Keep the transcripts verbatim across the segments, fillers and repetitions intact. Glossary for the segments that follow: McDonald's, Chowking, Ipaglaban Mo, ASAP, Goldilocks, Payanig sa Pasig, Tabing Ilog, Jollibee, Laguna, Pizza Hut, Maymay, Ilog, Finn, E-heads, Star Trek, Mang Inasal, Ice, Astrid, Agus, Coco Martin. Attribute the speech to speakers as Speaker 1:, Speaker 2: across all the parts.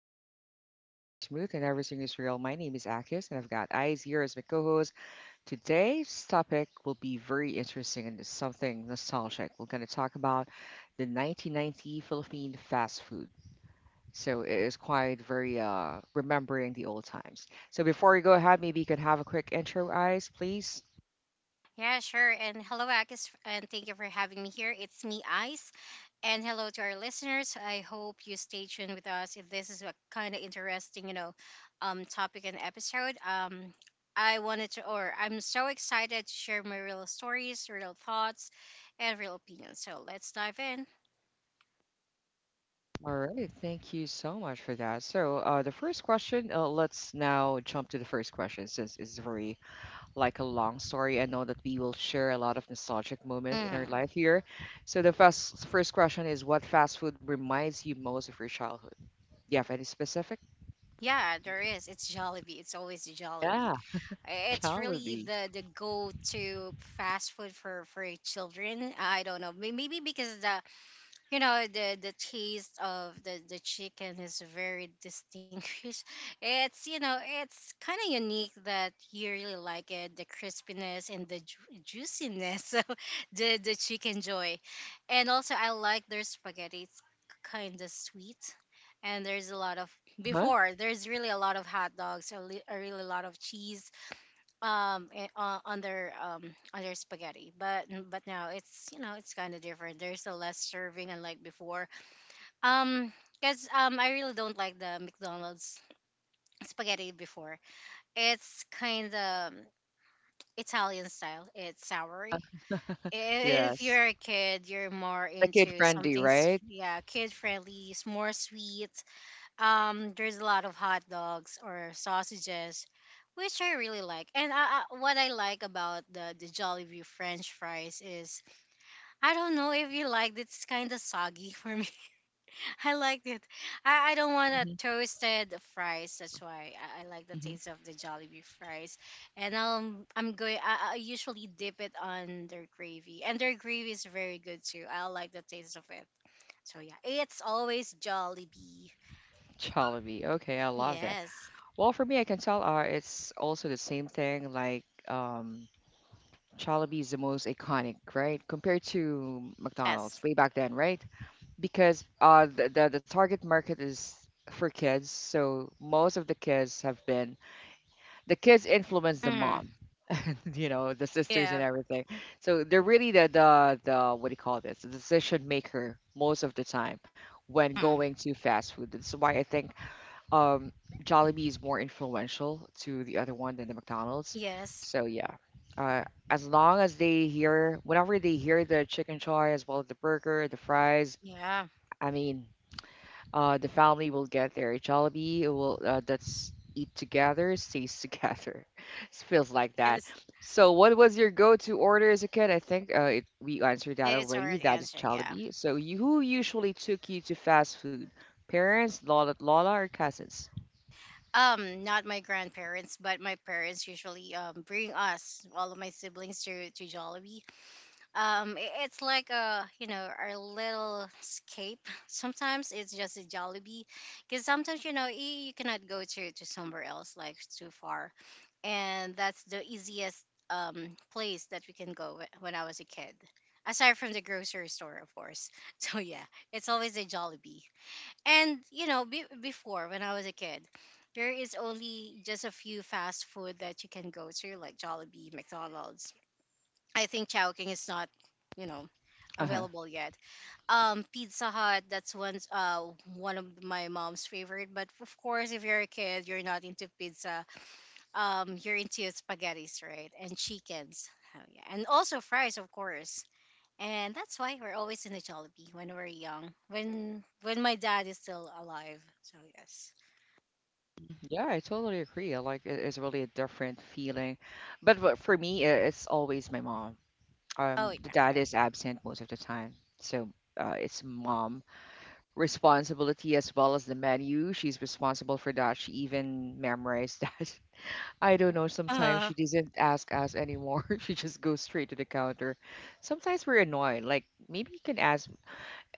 Speaker 1: flow easy and the vibe stays smooth and everything is real. My name is Akis and I've got Eyes here as my co-host. Today's topic will be very interesting and it's something nostalgic. We're going to talk about the nineteen ninety Philippine fast food. So it is quite very, uh, remembering the old times. So before we go ahead, maybe you can have a quick intro, Eyes, please.
Speaker 2: Yeah, sure. And hello, Agus, and thank you for having me here. It's me, Ice. And hello to our listeners. I hope you stay tuned with us if this is a kind of interesting, you know, um, topic and episode. Um, I wanted to, or I'm so excited to share my real stories, real thoughts, and real opinions. So let's dive in.
Speaker 1: All right, thank you so much for that. So, uh, the first question, uh, let's now jump to the first question since it's very like a long story. I know that we will share a lot of nostalgic moment in our
Speaker 2: Mm.
Speaker 1: life here. So the first first question is, what fast food reminds you most of your childhood? Do you have any specific?
Speaker 2: Yeah, there
Speaker 1: Thank you.
Speaker 2: is. It's Jollibee. It's always Jollibee.
Speaker 1: Yeah,
Speaker 2: I- It's really
Speaker 1: Jollibee.
Speaker 2: the the go to fast food for for children. I don't know. May- Maybe because the you know the the taste of the the chicken is very distinguished. it's you know it's kind of unique that you really like it, the crispiness and the ju- juiciness of the the chicken joy. And also, I like their spaghetti. It's kind of sweet, and there's a lot of
Speaker 1: Huh?
Speaker 2: before, there's really a lot of hot dogs, a, li- a really lot of cheese um eh, uh, on their um on their spaghetti. But but now, it's you know it's kind of different. There's a less serving unlike before. Um because um I really don't like the McDonald's spaghetti before. It's kind of Italian style. It's soury. If
Speaker 1: Yes.
Speaker 2: you're a kid, you're more
Speaker 1: The kid
Speaker 2: into
Speaker 1: friendly,
Speaker 2: something s-
Speaker 1: right?
Speaker 2: yeah, kid friendly, it's more sweet. Um, there's a lot of hot dogs or sausages, which I really like. And I, I, what I like about the the Jollibee French fries is, I don't know if you like it. It's kind of soggy for me. I liked it. I, I don't want a
Speaker 1: Mm-hmm.
Speaker 2: toasted fries. That's why I, I like the
Speaker 1: Mm-hmm.
Speaker 2: taste of the Jollibee fries. And um, I'm going. I, I usually dip it on their gravy, and their gravy is very good too. I like the taste of it. So yeah, it's always Jollibee.
Speaker 1: Jollibee. Okay, I love that.
Speaker 2: Yes.
Speaker 1: Well, for me, I can tell, uh, it's also the same thing. Like, um, Jollibee is the most iconic, right? Compared to McDonald's
Speaker 2: Yes.
Speaker 1: way back then, right? Because uh the, the the target market is for kids, so most of the kids have been the kids influence the
Speaker 2: Mm.
Speaker 1: mom. You know, the sisters and
Speaker 2: Yeah.
Speaker 1: everything, so they're really the the, the what do you call this, the decision maker most of the time when
Speaker 2: Mm.
Speaker 1: going to fast food. That's why I think um Jollibee is more influential to the other one than the McDonald's.
Speaker 2: Yes.
Speaker 1: So yeah, uh, as long as they hear, whenever they hear the chicken choy as well as the burger, the fries.
Speaker 2: Yeah.
Speaker 1: I mean, uh, the family will get their Jollibee. It will, uh, that's eat together, stays together. It feels like that.
Speaker 2: Yes.
Speaker 1: So, what was your go-to order as a kid? I think, uh, it, we answered
Speaker 2: I-
Speaker 1: that
Speaker 2: It's a
Speaker 1: already.
Speaker 2: hard
Speaker 1: That is
Speaker 2: answer, yeah.
Speaker 1: Jollibee. So, you, who usually took you to fast food? Parents, Lola, Lola, or cousins?
Speaker 2: Um, not my grandparents, but my parents usually um bring us, all of my siblings, to to Jollibee. Um, i- it's like a, you know, our little escape. Sometimes it's just a Jollibee, because sometimes you know y- you cannot go to to somewhere else like it's too far, and that's the easiest um place that we can go wh- when I was a kid. Aside from the grocery store, of course. So yeah, it's always a Jollibee. And you know, be- before, when I was a kid, there is only just a few fast food that you can go to, like Jollibee, McDonald's. I think Chowking is not, you know,
Speaker 1: Uh-huh.
Speaker 2: available yet. Um, Pizza Hut, that's one's uh one of my mom's favorite. But of course, if you're a kid, you're not into pizza. Um you're into spaghettis, right? And chickens. Oh yeah. And also fries, of course. And that's why we're always in the Jollibee when we're young. When when my dad is still alive. So yes.
Speaker 1: Yeah, I totally agree. I like, it- it's really a different feeling. But for for me, uh, it's always my mom.
Speaker 2: Oh
Speaker 1: Um, the
Speaker 2: yeah,
Speaker 1: dad
Speaker 2: okay.
Speaker 1: is absent most of the time, so, uh, it's mom responsibility as well as the menu. She's responsible for that. She even memorized that. I don't know. Sometimes
Speaker 2: Uh
Speaker 1: she doesn't ask us anymore. She just goes straight to the counter. Sometimes we're annoyed. Like, maybe you can ask.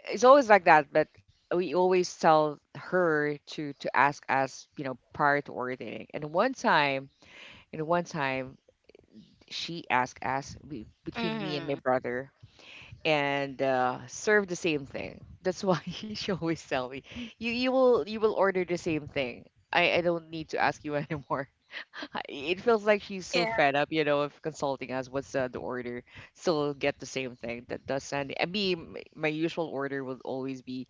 Speaker 1: It's always like that, but we always tell her to to ask us, you know, prior to ordering. And one time, and one time, she asked us we- between me and my
Speaker 2: mm-hmm.
Speaker 1: brother and, uh, serve the same thing. That's why she always tell me, you you will you will order the same thing. I, I don't need to ask you anymore. I- It feels like she's so
Speaker 2: Yeah.
Speaker 1: fed up, you know, of consulting us. What's, uh, the order? Still get the same thing. That does Sunday. I mean, my my usual order would always be,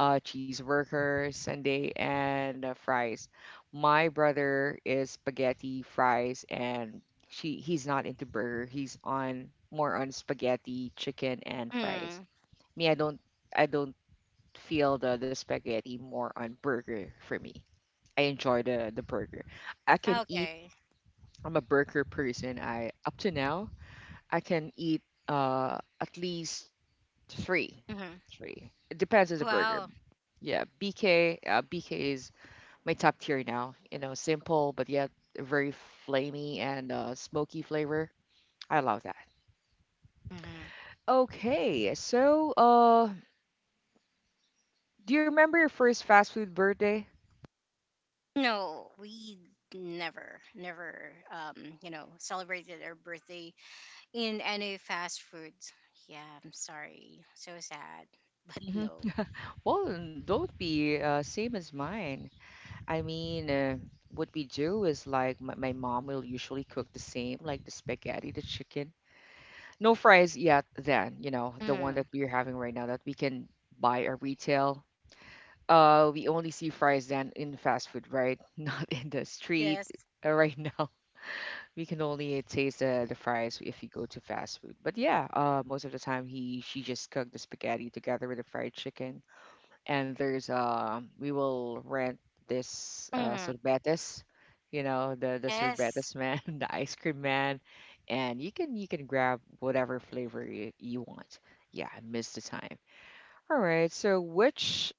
Speaker 1: uh, cheeseburger, sundae, and, uh, fries. My brother is spaghetti, fries, and she he's not into burger. He's on more on spaghetti, chicken, and fries.
Speaker 2: Mm.
Speaker 1: Me, I don't I don't feel the the spaghetti, more on burger for me. I enjoy the the burger. I can eat.
Speaker 2: Okay.
Speaker 1: I'm a burger person. I up to now I can eat, uh at least three, three.
Speaker 2: Mm-hmm.
Speaker 1: It depends on the burger.
Speaker 2: Wow.
Speaker 1: Yeah, B K. Uh, B K is my top tier now. You know, simple but yet very flamey and, uh, smoky flavor. I love that.
Speaker 2: Mm-hmm.
Speaker 1: Okay, so, uh, do you remember your first fast food birthday?
Speaker 2: No, we never, never, um, you know, celebrated our birthday in any fast food. Yeah, I'm sorry. So sad. But
Speaker 1: Hmm.
Speaker 2: no.
Speaker 1: Well, n- don't be, uh, same as mine. I mean, uh, what we do is like my, my mom will usually cook the same, like the spaghetti, the chicken. No fries yet then, you know, the one
Speaker 2: Mhm.
Speaker 1: that we're having right now that we can buy at retail. Uh, we only see fries then in fast food, right? Not in the street,
Speaker 2: Yes.
Speaker 1: uh, right now. We can only taste the, the fries if you go to fast food. But yeah, uh, most of the time he she just cooked the spaghetti together with the fried chicken, and there's uh we will rent this uh
Speaker 2: Mhm.
Speaker 1: sorbetes, you know, the the
Speaker 2: Yes.
Speaker 1: sorbetes man, the ice cream man. And you can you can grab whatever flavor you, you want. Yeah, I missed the time. All right, so which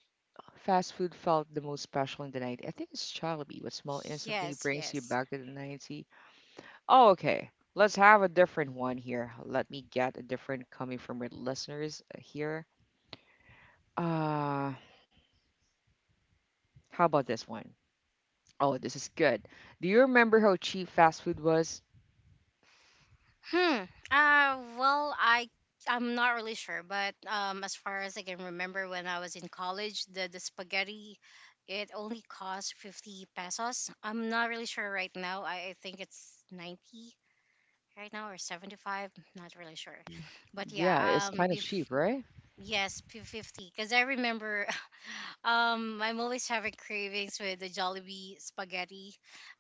Speaker 1: fast food felt the most special in the night? I think it's Jollibee. What smell instantly
Speaker 2: Yes,
Speaker 1: brings you
Speaker 2: yes.
Speaker 1: back to the nineties? Oh, okay. Let's have a different one here. Let me get a different coming from our listeners, uh, here. uh how about this one? Oh, this is good. Do you remember how cheap fast food was?
Speaker 2: Hmm. Uh well, I I'm not really sure, but um as far as I can remember, when I was in college, the the spaghetti, it only cost fifty pesos. I'm not really sure right now. I, I think it's ninety right now, or seventy-five, not really sure. But yeah,
Speaker 1: Yeah, it's
Speaker 2: um
Speaker 1: kind of
Speaker 2: bef-
Speaker 1: cheap, right?
Speaker 2: yes, fifty, because I remember, Um, I'm always having cravings with the Jollibee spaghetti,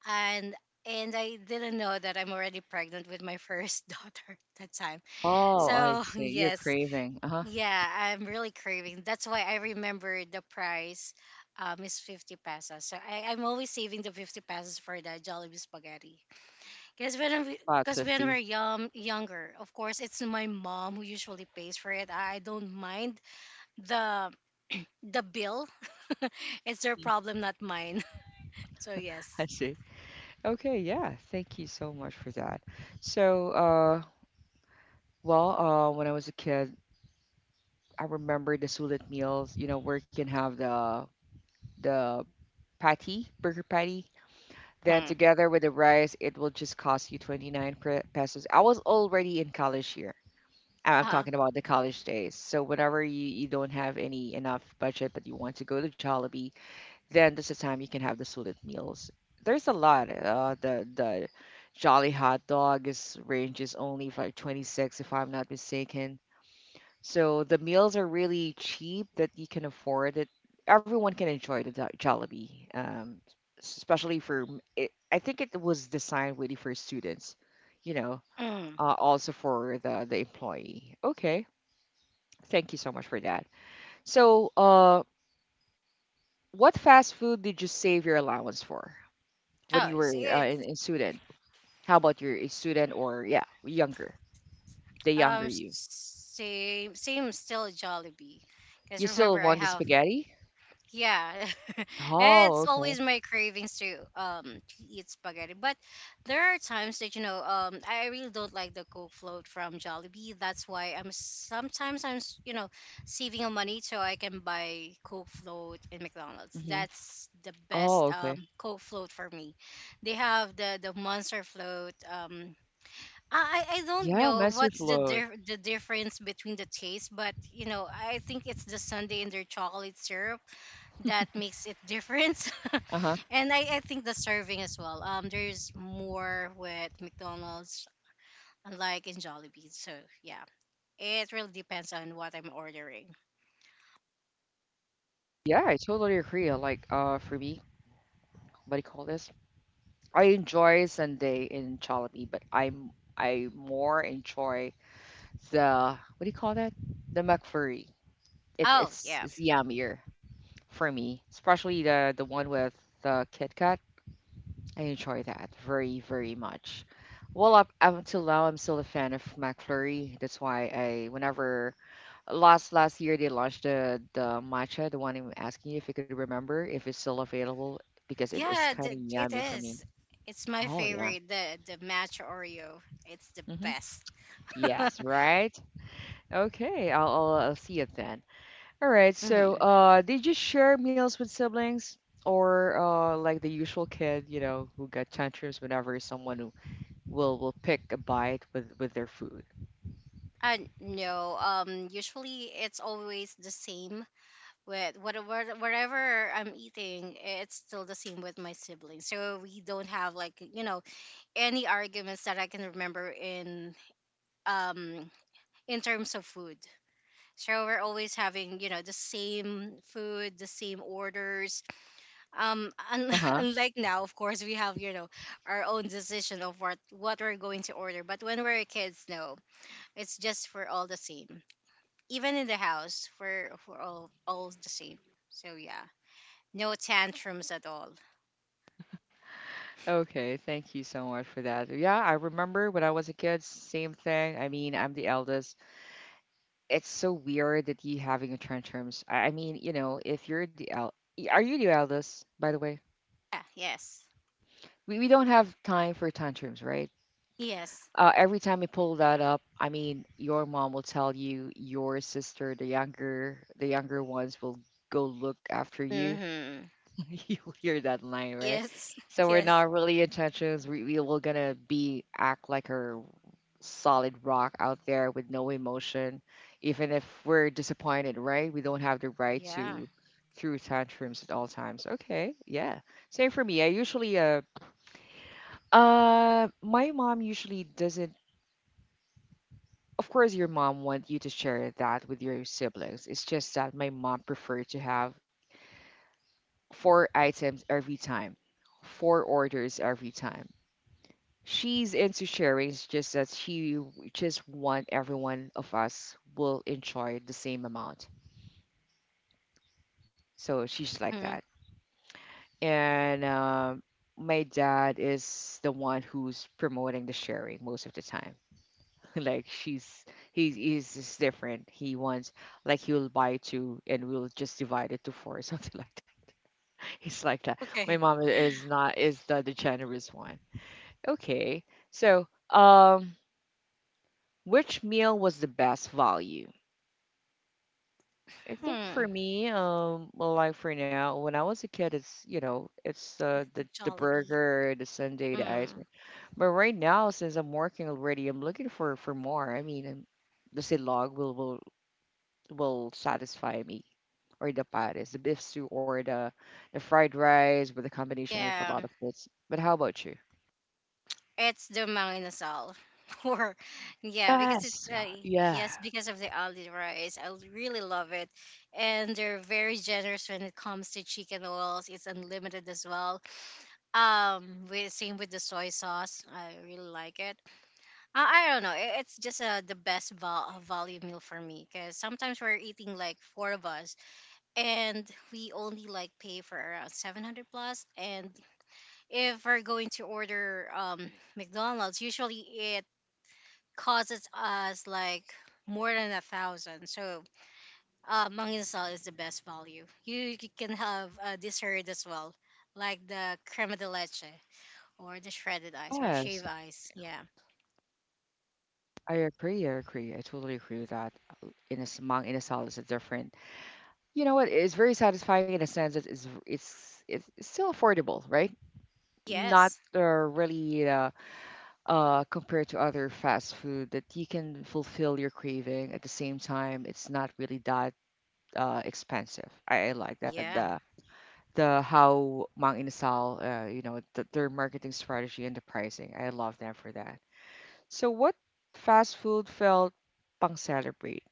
Speaker 2: and and I didn't know that I'm already pregnant with my first daughter that time.
Speaker 1: Oh, I
Speaker 2: So
Speaker 1: see. You're
Speaker 2: yes,
Speaker 1: craving. Uh-huh.
Speaker 2: yeah, I'm really craving. That's why I remember the price, um, is fifty pesos. So I, I'm always saving the fifty pesos for the Jollibee spaghetti. Because when we, because when we're
Speaker 1: five fifty.
Speaker 2: young, younger, of course, it's my mom who usually pays for it. I don't mind the the bill. It's their problem, not mine. So
Speaker 1: I
Speaker 2: yes.
Speaker 1: see. Okay, yeah. Thank you so much for that. So, uh, well, uh, when I was a kid, I remember the Sulit meals, you know, where you can have the the patty, burger patty. Then
Speaker 2: Mm.
Speaker 1: together with the rice, it will just cost you twenty-nine pre- pesos. I was already in college here. I'm
Speaker 2: Uh-huh.
Speaker 1: talking about the college days. So whenever you, you don't have any enough budget but you want to go to Jollibee, then this is the time you can have the student meals. There's a lot. Uh, the the Jolly hot dog is ranges only for like twenty-six if I'm not mistaken. So the meals are really cheap that you can afford it. Everyone can enjoy the Jo- Jollibee, um, s- especially for m- it, I think it was designed really for students, you know,
Speaker 2: Mm.
Speaker 1: uh, also for the the employee. Okay. Thank you so much for that. So, uh, what fast food did you save your allowance for when
Speaker 2: oh
Speaker 1: you were,
Speaker 2: it's,
Speaker 1: uh,
Speaker 2: it's
Speaker 1: in, in student? How about you're a student, or yeah, younger, the younger
Speaker 2: um
Speaker 1: you?
Speaker 2: same same still Jollibee, because
Speaker 1: You still
Speaker 2: remember I
Speaker 1: want the
Speaker 2: have.
Speaker 1: spaghetti?
Speaker 2: Yeah,
Speaker 1: Oh,
Speaker 2: it's
Speaker 1: okay.
Speaker 2: always my cravings to um to eat spaghetti. But there are times that you know um I really don't like the Coke float from Jollibee. That's why I'm sometimes I'm s- you know saving on money, so I can buy Coke float in McDonald's.
Speaker 1: Mm-hmm.
Speaker 2: That's the
Speaker 1: Oh,
Speaker 2: best
Speaker 1: okay.
Speaker 2: um Coke float for me. They have the the Monster float. Um, I I I don't
Speaker 1: Yeah,
Speaker 2: know
Speaker 1: master
Speaker 2: what's the
Speaker 1: fluid.
Speaker 2: dif- the difference between the taste, but you know I think it's the sundae and their chocolate syrup that makes it different.
Speaker 1: Uh-huh.
Speaker 2: And I, I think the serving as well, um there's more with McDonald's unlike in Jollibee. So yeah, it really depends on what I'm ordering.
Speaker 1: Yeah, I totally agree. I like, uh, for me, what do you call this? I enjoy Sunday in Jollibee, but I'm I more enjoy the, what do you call that? The McFlurry. It,
Speaker 2: Oh
Speaker 1: it's
Speaker 2: yeah.
Speaker 1: it's yummier. For me, especially the the one with the Kit Kat. I enjoy that very very much. Well, up, up until now, I'm still a fan of McFlurry. That's why I, whenever last last year, they launched the the matcha, the one I'm asking you if you could remember if it's still available, because it is
Speaker 2: Yeah,
Speaker 1: kind of
Speaker 2: th- it
Speaker 1: yummy for me.
Speaker 2: is it's my
Speaker 1: Oh yeah.
Speaker 2: favorite, the the matcha Oreo. It's the
Speaker 1: Mm-hmm.
Speaker 2: best.
Speaker 1: Yes, right. Okay, I'll, I'll I'll see it then. All right. So,
Speaker 2: Hmm.
Speaker 1: uh, did you share meals with siblings or, uh, like the usual kid, you know, who got tantrums whenever someone who will will pick a bite with with their food?
Speaker 2: Uh, no, um usually it's always the same with whatever whatever I'm eating. It's still the same with my siblings. So we don't have, like, you know any arguments that I can remember in um in terms of food. So we're always having you know the same food, the same orders. Um, un-
Speaker 1: Uh-huh.
Speaker 2: unlike now, of course, we have, you know our own decision of what what we're going to order. But when we're kids, no, it's just for all the same. Even in the house, for for all all the same. So yeah. No tantrums at all.
Speaker 1: Okay, thank you so much for that. Yeah, I remember when I was a kid, same thing. I mean, I'm the eldest. It's so weird that you having a tantrums. I I mean, you know, if you're the el- y- are you the eldest, by the way?
Speaker 2: Yeah, yes.
Speaker 1: We we don't have time for tantrums, right?
Speaker 2: Yes.
Speaker 1: Uh, every time you pull that up, I mean, your mom will tell you your sister, the younger, the younger ones will go look after you.
Speaker 2: Mm-hmm.
Speaker 1: You'll hear that line, right?
Speaker 2: Yes.
Speaker 1: So we're
Speaker 2: Yes.
Speaker 1: not really intentions. We we will gonna be act like a solid rock out there with no emotion, even if we're disappointed, right? We don't have the right
Speaker 2: Yeah.
Speaker 1: to throw tantrums at all times. Okay, yeah. Same for me. I usually uh uh my mom usually doesn't, of course your mom want you to share that with your siblings. It's just that my mom preferred to have four items every time, four orders every time. She's into sharing, it's just that she just want everyone of us will enjoy the same amount. So she's like that.
Speaker 2: Mm.
Speaker 1: And um my dad is the one who's promoting the sharing most of the time. Like she's he is is different. He wants, like, he will buy two and we'll just divide it to four or something, like that. He's like that. My
Speaker 2: Okay.
Speaker 1: mom is not, is the, the generous one. Okay, so, um which meal was the best value? I think for
Speaker 2: Hmm.
Speaker 1: me, um well, like, for now, when I was a kid, it's, you know, it's, uh, the the
Speaker 2: Jollibee.
Speaker 1: burger, the sundae, the ice cream.
Speaker 2: Mm.
Speaker 1: But right now, since I'm working already, I'm looking for for more. I mean, I, the silog will will will satisfy me, or the pares, the beef stew, or the the fried rice with a combination of a
Speaker 2: Yeah.
Speaker 1: lot of foods. But how about you?
Speaker 2: It's the manginasal. Or yeah, because it's
Speaker 1: Yes.
Speaker 2: uh,
Speaker 1: Yeah.
Speaker 2: yes, because of the ali rice. I really love it, and they're very generous when it comes to chicken oils. It's unlimited as well. Um, with Same with the soy sauce. I really like it. I, I don't know. i- It's just uh, the best val- value meal for me, because sometimes we're eating like four of us, and we only like pay for around seven hundred plus. And if we're going to order, um, McDonald's, usually it causes us like more than a thousand. So uh, Manginasal is the best value. You, you can have a dessert as well, like the crema de leche, or the shredded ice, or
Speaker 1: Yes,
Speaker 2: shave ice. Yeah.
Speaker 1: I agree. I agree. I totally agree with that. Uh, In a samang, in a salad is different. You know what? It's very satisfying in a sense that it's it's it's still affordable, right? Not
Speaker 2: Yes.
Speaker 1: uh, really uh, uh, compared to other fast food that you can fulfill your craving at the same time. It's not really that uh, expensive. I, I like that
Speaker 2: Yeah.
Speaker 1: the the how Mang Inasal, uh, you know, the, their marketing strategy and the pricing. I love them for that. So what fast food felt pang celebrate?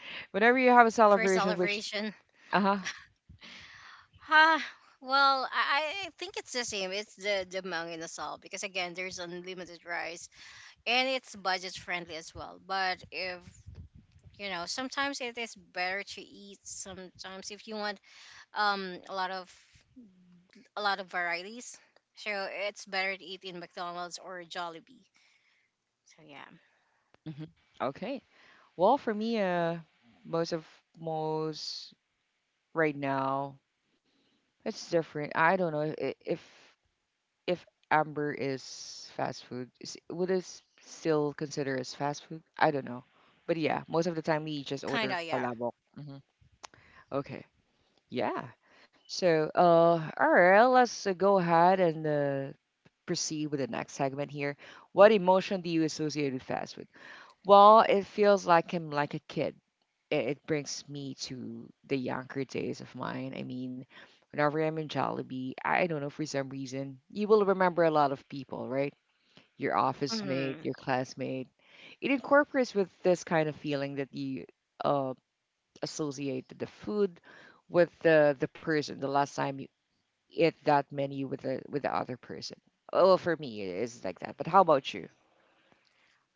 Speaker 1: Whenever you have a
Speaker 2: For
Speaker 1: celebration, which
Speaker 2: celebration.
Speaker 1: uh huh,
Speaker 2: Ah Well, I, I think it's the same. It's the the Mang Inasal, because again, there's unlimited rice, and it's budget friendly as well. But, if you know, sometimes it is better to eat. Sometimes, if you want um a lot of a lot of varieties, so it's better to eat in McDonald's or Jollibee. So yeah,
Speaker 1: hmm okay. Well, for me, uh, most of most right now, it's different. I don't know if, if if Amber is fast food, is, would it s- still consider as fast food? I don't know. But yeah, most of the time we just order
Speaker 2: kinda yeah.
Speaker 1: palabok. hmm Okay. Yeah. So, uh, all right, let's uh, go ahead and uh, proceed with the next segment here. What emotion do you associate with fast food? Well, it feels like I'm like a kid. It, it brings me to the younger days of mine. I mean, whenever I'm in Jollibee, I don't know, for some reason, you will remember a lot of people, right? Your office mate,
Speaker 2: Hmm.
Speaker 1: your classmate. It incorporates with this kind of feeling that you uh, associate the food with the, the person, the last time you ate that menu with the, with the other person. Oh, for me, it is like that. But how about you?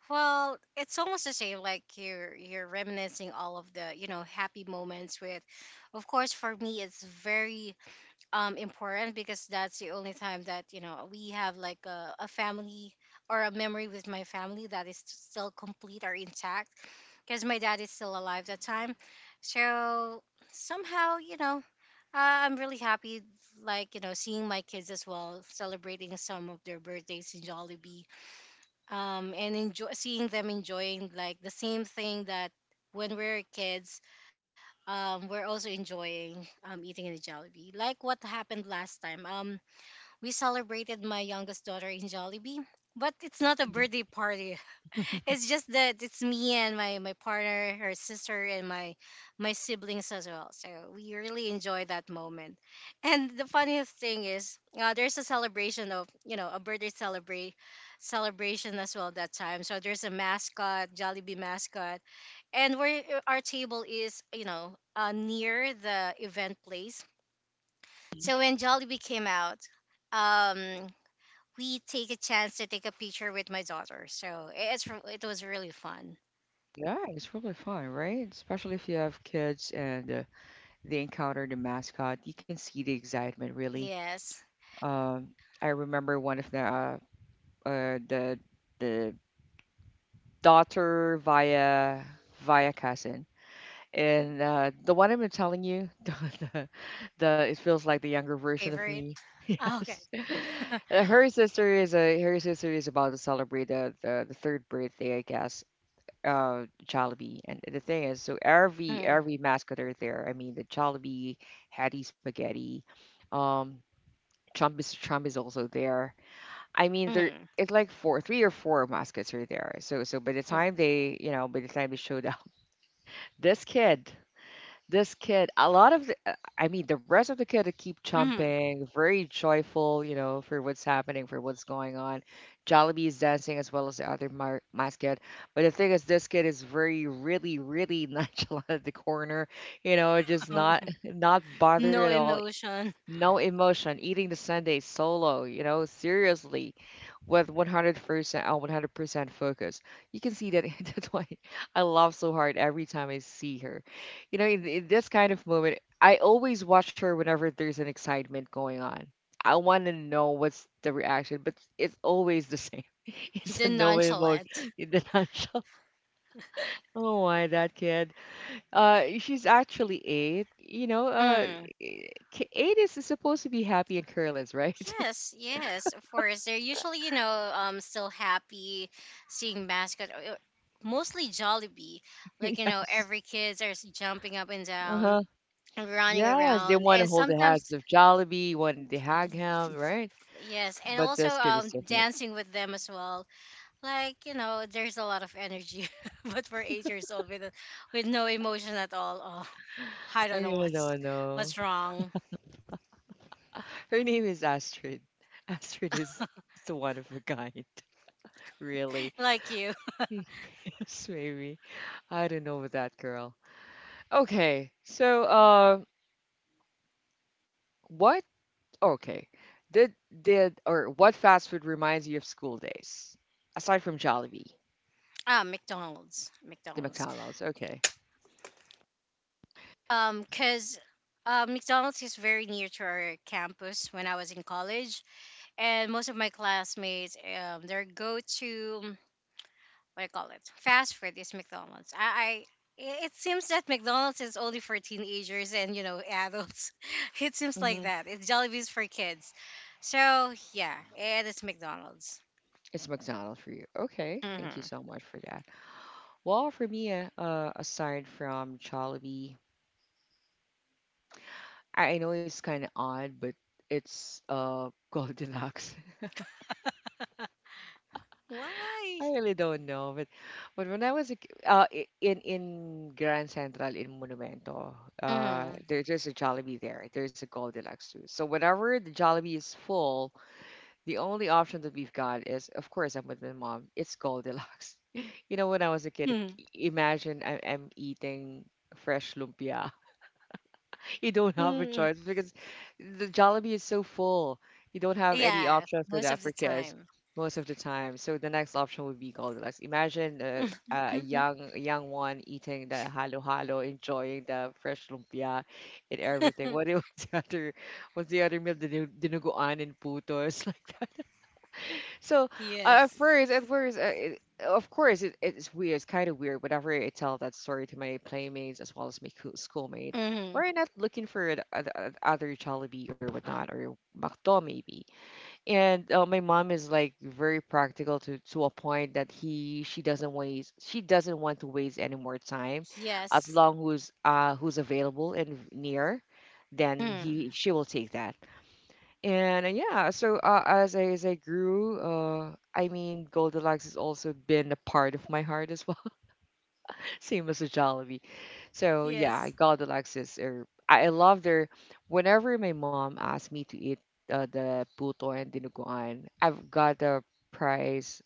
Speaker 2: Well, it's almost the same. Like, you're you're reminiscing all of the you know happy moments with, of course, for me, it's very um important, because that's the only time that you know we have like a, a family or a memory with my family that is still complete or intact, because my dad is still alive that time. So somehow, you know uh, I'm really happy, like, you know seeing my kids as well celebrating some of their birthdays in Jollibee, um and enjoy seeing them enjoying like the same thing that when we're kids, um, we're also enjoying, um, eating in the Jollibee. Like what happened last time. Um, we celebrated my youngest daughter in Jollibee, but it's not a birthday party. It's just that it's me and my my partner, her sister, and my my siblings as well. So we really enjoy that moment. And the funniest thing is, uh, there's a celebration of, you know a birthday celebrate celebration as well, that time. So there's a mascot, Jollibee mascot, and where our table is, you know, uh, near the event place. So when Jollibee came out, Um, we take a chance to take a picture with my daughter. So it's re- it was really fun.
Speaker 1: Yeah, it's really fun, right? Especially if you have kids and uh, they encounter the mascot, you can see the excitement really.
Speaker 2: Yes,
Speaker 1: Um, I remember one of the uh, uh, the the daughter via via cousin, and uh, the one I've been telling you, the, the the it feels like the younger version of
Speaker 2: favorite.
Speaker 1: me.
Speaker 2: Ah, okay.
Speaker 1: Yes. Uh, her sister is a her sister is about to celebrate the the, the third birthday, I guess. Uh, Jollibee. And the thing is, so every
Speaker 2: Mm,
Speaker 1: every mascot there. I mean, the Jollibee, Hattie Spaghetti, um, Trump, is Trump is also there. I mean, there
Speaker 2: mm,
Speaker 1: it's like four, three or four mascots are there. So so by the
Speaker 2: mm,
Speaker 1: time they, you know, by the time they showed up, this kid this kid a lot of the, uh, i mean the rest of the kid keep
Speaker 2: mm.
Speaker 1: jumping very joyful, you know, for what's happening, for what's going on. Jollibee is dancing as well as the other mar- mascot. But the thing is, this kid is very really really nonchalant at the corner, you know, just not
Speaker 2: Oh,
Speaker 1: not bothered at
Speaker 2: no
Speaker 1: all.
Speaker 2: emotion.
Speaker 1: No emotion, eating the sundae solo, you know, seriously, with one hundred percent on one hundred percent focus. You can see that. That's why I laugh so hard every time I see her. You know, in, in this kind of moment, I always watch her whenever there's an excitement going on. I want to know what's the reaction, but it's always the same. It's a
Speaker 2: The
Speaker 1: no
Speaker 2: nonchalant.
Speaker 1: emotion in the nutshell. Oh my, that kid. Uh, she's actually eight. You know, uh,
Speaker 2: Mm.
Speaker 1: e, k- eight is supposed to be happy and careless, right?
Speaker 2: Yes, yes, of course. They're usually, you know, um, still happy seeing mascot. uh, uh, Mostly Jollibee. Like, you know,
Speaker 1: Yes.
Speaker 2: every kids are s- jumping up and
Speaker 1: Uh-huh.
Speaker 2: down, running
Speaker 1: Yes, they
Speaker 2: around,
Speaker 1: want to
Speaker 2: and
Speaker 1: hold the hands
Speaker 2: sometimes.
Speaker 1: of Jollibee, want to hug him, right?
Speaker 2: Yes, and
Speaker 1: But
Speaker 2: also
Speaker 1: this kid is
Speaker 2: um
Speaker 1: different.
Speaker 2: dancing with them as well. Like, you know, there's a lot of energy, but for eight years old with with no emotion at all. Oh, I
Speaker 1: I
Speaker 2: don't know
Speaker 1: really
Speaker 2: what's
Speaker 1: don't know.
Speaker 2: what's wrong.
Speaker 1: Her name is Astrid. Astrid is, is the one of a kind, really.
Speaker 2: Like you,
Speaker 1: Yes, maybe. I don't know with that girl. Okay, so uh, what Okay. Did did or what fast food reminds you of school days? Aside from Jollibee,
Speaker 2: ah, McDonald's,
Speaker 1: the
Speaker 2: McDonald's.
Speaker 1: McDonald's. Okay.
Speaker 2: Um, cause, uh, McDonald's is very near to our campus when I was in college, and most of my classmates, um their go to, what I call it fast food, is McDonald's. I, I It seems that McDonald's is only for teenagers, and, you know adults. It seems
Speaker 1: Hmm.
Speaker 2: like that. It's Jollibee's for kids. So yeah, it is McDonald's.
Speaker 1: It's McDonald's for you. Okay. Thank you
Speaker 2: Mm-hmm.
Speaker 1: so much for that. Well, for me, uh, uh, aside from Jollibee, I, I know it's kind of odd, but it's uh Goldilocks.
Speaker 2: Why?
Speaker 1: I really don't know, but but when I was a, ki- uh i- in in Grand Central in Monumento, uh
Speaker 2: Mm-hmm.
Speaker 1: there, there's a Jollibee there. There's a Goldilocks too. So whenever the Jollibee is full, the only option that we've got is, of course, I'm with my mom. It's Goldilocks. You know, when I was a kid, i- imagine I- I'm eating fresh lumpia. You don't have a
Speaker 2: Hmm.
Speaker 1: choice because the Jollibee is so full. You don't have any
Speaker 2: Yeah,
Speaker 1: option for
Speaker 2: most
Speaker 1: that
Speaker 2: of the
Speaker 1: for kids
Speaker 2: time.
Speaker 1: most of the time. So the next option would be Goldilocks. Imagine a, a young a young one eating the halo halo, enjoying the fresh lumpia and everything. What was the other what's the other meal? Dinu- Dinuguan and putos like that. So uh, at
Speaker 2: Yes.
Speaker 1: first, at first, uh, it, of course, it, it's weird. It's kind of weird whenever I tell that story to my playmates as well as my coo- schoolmate.
Speaker 2: Hmm.
Speaker 1: We're not looking for an, an, an other Jollibee or whatnot or McDo maybe. And uh, my mom is like very practical to to a point that he she doesn't waste she doesn't want to waste any more time, as
Speaker 2: Yes.
Speaker 1: long who's uh who's available and near, then he
Speaker 2: Mm.
Speaker 1: she will take that. And uh, yeah, so uh, as I as I grew, uh, I mean, Goldilocks has also been a part of my heart as well, same as the Jollibee. So
Speaker 2: Yes.
Speaker 1: yeah, Goldilocks is. Or, I I love their. Whenever my mom asks me to eat uh, the puto and dinuguan, I've got a price.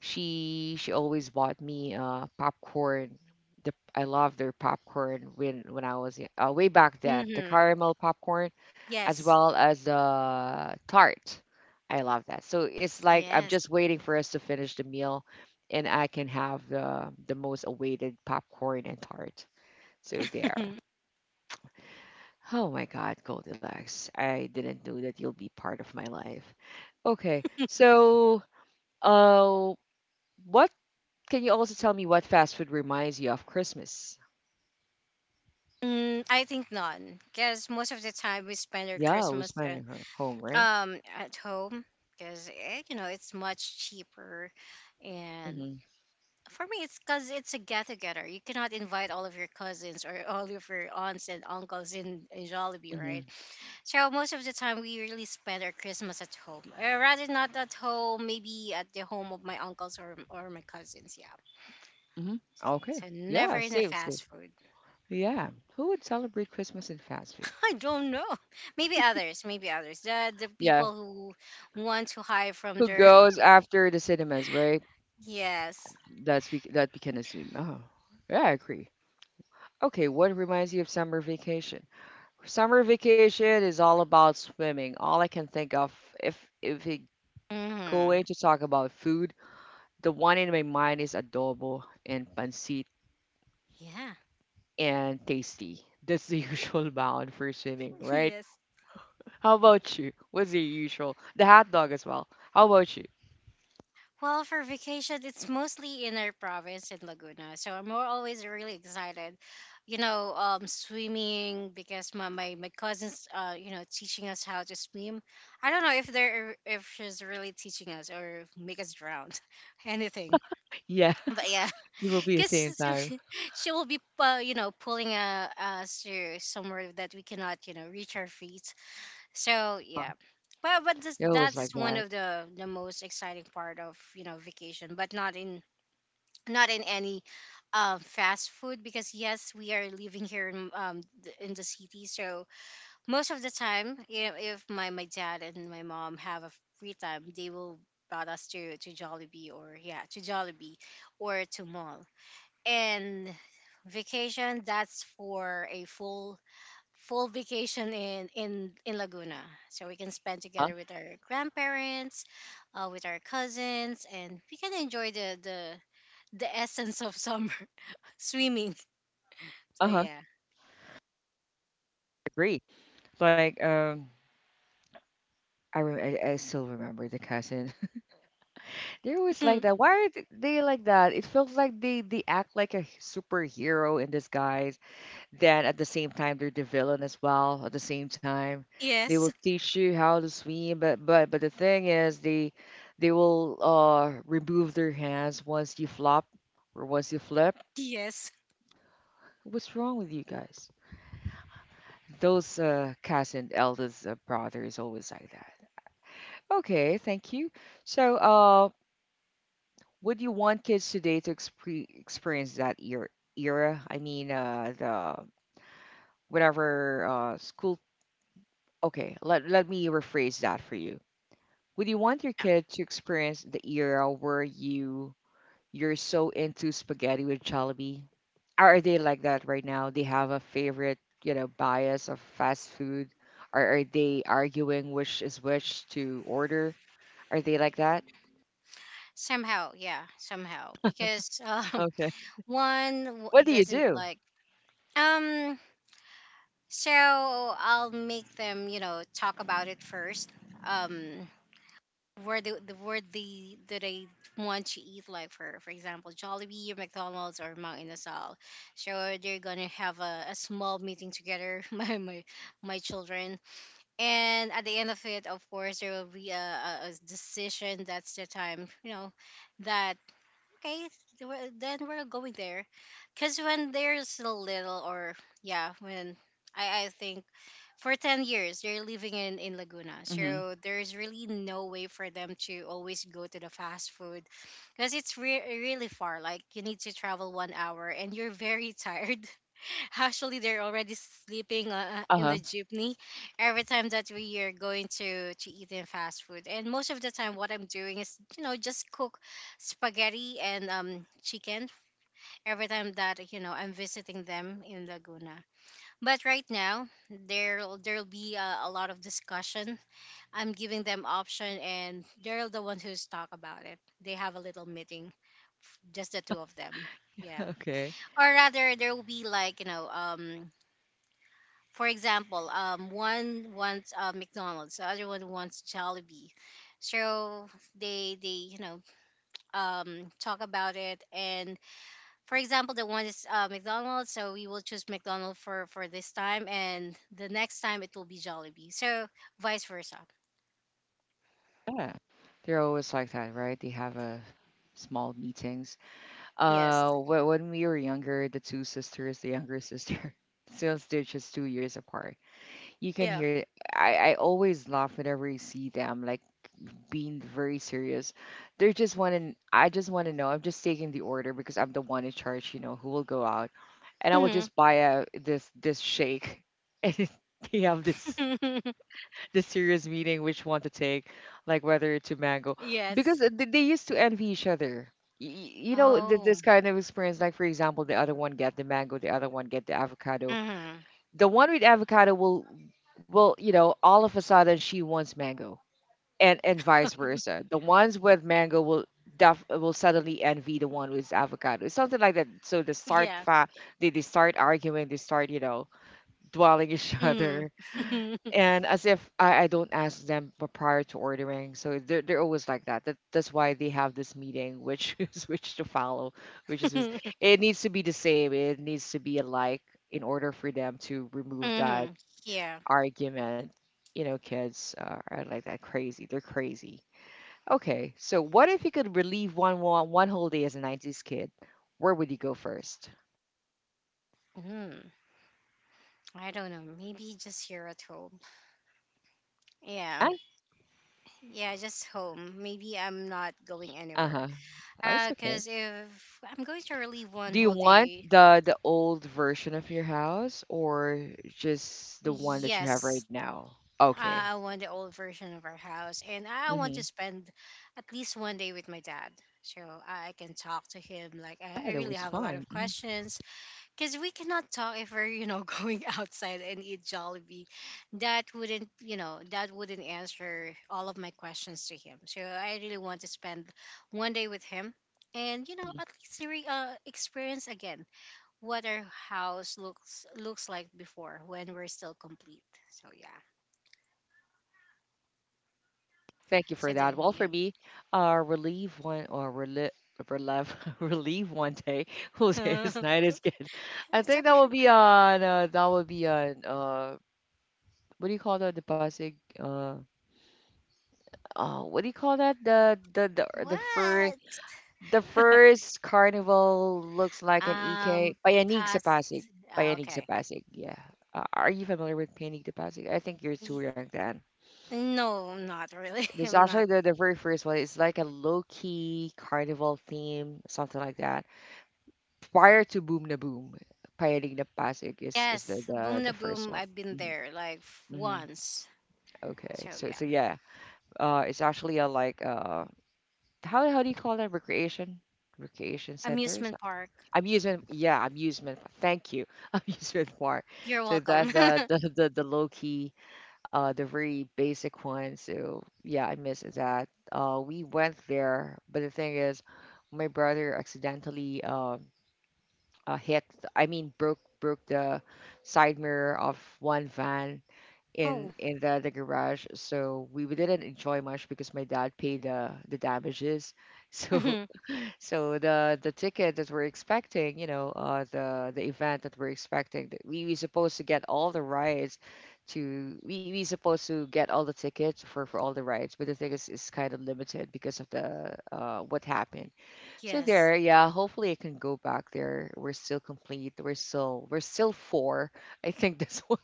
Speaker 1: She she always bought me uh popcorn. The I love their popcorn when when I was y- uh, way back then, the
Speaker 2: hmm
Speaker 1: caramel popcorn as
Speaker 2: Yes.
Speaker 1: well as the tart. I love that. So it's like I'm
Speaker 2: Yes.
Speaker 1: just waiting for us to finish the meal and I can have the the most awaited popcorn and tart. So there. Oh my God, Goldilocks. I didn't know that you'll be part of my life. Okay. So, uh, what can you also tell me what fast food reminds you of Christmas?
Speaker 2: Mm, I think none, because most of the time we spend our
Speaker 1: Yeah, we
Speaker 2: Christmas
Speaker 1: spend it ho-
Speaker 2: uh,
Speaker 1: home, right?
Speaker 2: um at home, because you know it's much cheaper, and
Speaker 1: Mm-hmm.
Speaker 2: for me it's because it's a get together. You cannot invite all of your cousins or all of your aunts and uncles in in Jollibee,
Speaker 1: Mm-hmm.
Speaker 2: right? So most of the time we really spend our Christmas at home, or rather not at home, maybe at the home of my uncles or or my cousins. Yeah,
Speaker 1: Mm-hmm. Okay.
Speaker 2: so
Speaker 1: Yeah,
Speaker 2: never in a
Speaker 1: same, same.
Speaker 2: fast food.
Speaker 1: Yeah. Who would celebrate Christmas in fast food?
Speaker 2: I don't know. Maybe others, maybe others. The the
Speaker 1: Yeah.
Speaker 2: people who want to hide from
Speaker 1: Who
Speaker 2: their
Speaker 1: goes after the cinemas, right?
Speaker 2: yes.
Speaker 1: That's we that we can assume. Oh. Yeah, I agree. Okay, what reminds you of summer vacation? Summer vacation is all about swimming. All I can think of if if we go
Speaker 2: hmm
Speaker 1: in to talk about food, the one in my mind is adobo and pancit
Speaker 2: Yeah.
Speaker 1: and tasty. That's the usual bound for swimming, right?
Speaker 2: yes.
Speaker 1: How about you? What's the usual? The hot dog as well. How about you?
Speaker 2: Well, for vacation, it's mostly in our province in Laguna, so I'm more always really excited. You know, um, swimming because my my, my cousins, uh, you know, teaching us how to swim. I don't know if they're if she's really teaching us or make us drown, anything.
Speaker 1: Yeah,
Speaker 2: But yeah
Speaker 1: it will be the same
Speaker 2: because
Speaker 1: time.
Speaker 2: she will be uh, you know pulling uh, us to somewhere that we cannot you know reach our feet, so yeah. Well but this,
Speaker 1: It always
Speaker 2: that is
Speaker 1: like
Speaker 2: one
Speaker 1: that.
Speaker 2: of the the most exciting part of you know vacation, but not in not in any um, fast food, because yes, we are living here in um th- in the city. So most of the time you know, if my my dad and my mom have a free time, they will brought us to to Jollibee, or yeah to Jollibee or to mall. And vacation, that's for a full full vacation in in in Laguna, so we can spend
Speaker 1: Huh?
Speaker 2: together with our grandparents, uh, with our cousins, and we can enjoy the the the essence of summer, swimming, so
Speaker 1: Uh-huh.
Speaker 2: yeah.
Speaker 1: Agree. Like um, I, rem- I I still remember the cousin. They always like that. Why are th- they like that? It feels like they they act like a h- superhero in disguise. Then at the same time, they're the villain as well. At the same time, they will
Speaker 2: yes.
Speaker 1: teach you how to swim, but but but the thing is, they they will uh remove their hands once you flop or once you flip.
Speaker 2: Yes.
Speaker 1: What's wrong with you guys? Those uh, cousin, eldest uh, brother is always like that. Okay, thank you. So, uh, would you want kids today to expre experience that era? Era? I mean, uh, the whatever uh, school. Okay, let let me rephrase that for you. Would you want your
Speaker 2: Yeah.
Speaker 1: kid to experience the era where you you're so into spaghetti with Jollibee? Are are they like that right now? They have a favorite, you know, bias of fast food, or are they arguing which is which to order? Are they like that?
Speaker 2: somehow yeah somehow because um
Speaker 1: Okay.
Speaker 2: one w-
Speaker 1: What do you
Speaker 2: doesn't
Speaker 1: do?
Speaker 2: like. um so I'll make them you know talk about it first. Um where the the where they do they want to eat, like for for example Jollibee or McDonald's or Mount Inasal. So they're gonna have a, a small meeting together, my, my my children. And at the end of it, of course, there will be a, a, a decision. That's the time you know that, okay, th- we're- then we're going there. Because when there's a little, or yeah, when I, I think for ten years, they're living in, in Laguna.
Speaker 1: Hmm.
Speaker 2: So there's really no way for them to always go to the fast food because it's re- really far. Like you need to travel one hour and you're very tired. Actually, they're already sleeping uh, uh, in
Speaker 1: Uh-huh.
Speaker 2: the jeepney every time that we are going to to eat in fast food. And most of the time, what I'm doing is you know just cook spaghetti and um chicken every time that you know I'm visiting them in Laguna. But right now, there'll there'll be a, a lot of discussion. I'm giving them option, and they're the ones who's talk about it. They have a little meeting, f- just the two of them. Yeah.
Speaker 1: Okay.
Speaker 2: Or rather there will be like you know um for example, um, one wants uh, McDonald's, the other one wants Jollibee. So they they you know um, talk about it, and for example, the one is uh, McDonald's, so we will choose McDonald's for for this time, and the next time it will be Jollibee. So vice versa.
Speaker 1: Yeah. They're always like that, right? They have a small meetings.
Speaker 2: Yes.
Speaker 1: Uh, wh- when we were younger, the two sisters, the younger sister, since they're just two years apart, you can
Speaker 2: Yeah.
Speaker 1: hear I, I always laugh whenever you see them, like being very serious. They're just want to, I just want to know. I'm just taking the order because I'm the one in charge, you know, who will go out. And I will
Speaker 2: hmm
Speaker 1: just buy a this this shake. And they have this this serious meeting which one to take, like whether to mango. Because
Speaker 2: yes.
Speaker 1: they, they used to envy each other. Y- y- You know, th-
Speaker 2: Oh.
Speaker 1: this kind of experience, like for example, the other one get the mango, the other one get the avocado.
Speaker 2: hmm
Speaker 1: The one with avocado will will you know all of a sudden she wants mango, and and vice versa the ones with mango will def- will suddenly envy the one with avocado, something like that. So they start
Speaker 2: Yeah.
Speaker 1: fa- they, they start arguing, they start you know dwelling each other,
Speaker 2: Mm-hmm.
Speaker 1: and as if i, I don't ask them p- prior to ordering, so they're, they're always like that. That that's why they have this meeting which is which to follow which is is- it needs to be the same, it needs to be alike in order for them to remove that
Speaker 2: hmm Yeah.
Speaker 1: argument. You know, kids are, are like that, crazy. They're crazy. Okay, so what if you could relieve one one, one whole day as a nineties kid? Where would you go first?
Speaker 2: hmm I don't know. Maybe just here at home.
Speaker 1: And
Speaker 2: Yeah, yeah, just home. Maybe I'm not going anywhere.
Speaker 1: uh-huh. Oh, it's
Speaker 2: Uh,
Speaker 1: okay.
Speaker 2: cause if I'm going to relieve one
Speaker 1: Do you
Speaker 2: whole
Speaker 1: want
Speaker 2: day,
Speaker 1: the the old version of your house or just the one that you have
Speaker 2: yes,
Speaker 1: right now? Okay.
Speaker 2: I I want the old version of our house, and I want to
Speaker 1: Mm-hmm.
Speaker 2: spend at least one day with my dad, so I I can talk to him. Like I I
Speaker 1: Oh, that
Speaker 2: really
Speaker 1: was
Speaker 2: have a lot
Speaker 1: fun.
Speaker 2: of
Speaker 1: Mhm.
Speaker 2: questions, because we cannot talk if we're you know going outside and eat Jollibee. That wouldn't you know that wouldn't answer all of my questions to him. So I really want to spend one day with him and you know at least re- uh, experience again what our house looks looks like before when we're still complete. So yeah.
Speaker 1: Thank you for
Speaker 2: So
Speaker 1: that.
Speaker 2: then
Speaker 1: Well, for
Speaker 2: yeah.
Speaker 1: me, uh, relieve one or relive. Relive, relieve one day. Who's his night is good. I
Speaker 2: It's
Speaker 1: think
Speaker 2: okay.
Speaker 1: that would be on. Uh, that would be on. Uh, what do you call that? The Pasig. Uh, uh, what do you call that? The the the the fir
Speaker 2: What?
Speaker 1: the first carnival looks like an E K.
Speaker 2: Um,
Speaker 1: Payanig sa Pasig.
Speaker 2: Past. Ah,
Speaker 1: Payanig sa
Speaker 2: okay.
Speaker 1: Pasig. Yeah. Uh, are you familiar with Payanig sa Pasig? I think you're too young then.
Speaker 2: No, not really.
Speaker 1: There's
Speaker 2: I'm
Speaker 1: actually
Speaker 2: not.
Speaker 1: the, the very first one. It's like a low key carnival theme, something like that. Prior to Boom na Boom, Payaling na Pasig is, is the,
Speaker 2: Yes,
Speaker 1: the,
Speaker 2: Boom
Speaker 1: the
Speaker 2: na
Speaker 1: first
Speaker 2: Boom.
Speaker 1: one.
Speaker 2: I've been
Speaker 1: hmm
Speaker 2: there like f-
Speaker 1: hmm
Speaker 2: once.
Speaker 1: Okay,
Speaker 2: So
Speaker 1: so so
Speaker 2: yeah,
Speaker 1: yeah, uh, it's actually a like uh, how how do you call that recreation? Recreation centers,
Speaker 2: amusement park.
Speaker 1: amusement, yeah, amusement. Thank you, amusement park.
Speaker 2: You're
Speaker 1: So
Speaker 2: welcome.
Speaker 1: that's the the the, the low key uh, the very basic one. So yeah, I miss that. Uh, we went there, but the thing is, my brother accidentally uh, uh, hit. I mean, broke broke the side mirror of one van in
Speaker 2: Oh,
Speaker 1: in the, the garage. So we, we didn't enjoy much because my dad paid the the damages. So
Speaker 2: mhm,
Speaker 1: so the the ticket that we're expecting, you know, uh, the the event that we're expecting, that we we supposed to get all the rides, to we we supposed to get all the tickets for for all the rides, but the thing is, it's kind of limited because of the uh what happened. So
Speaker 2: yes.
Speaker 1: there, yeah, hopefully I can go back there. We're still complete. We're still we're still four. I think that's what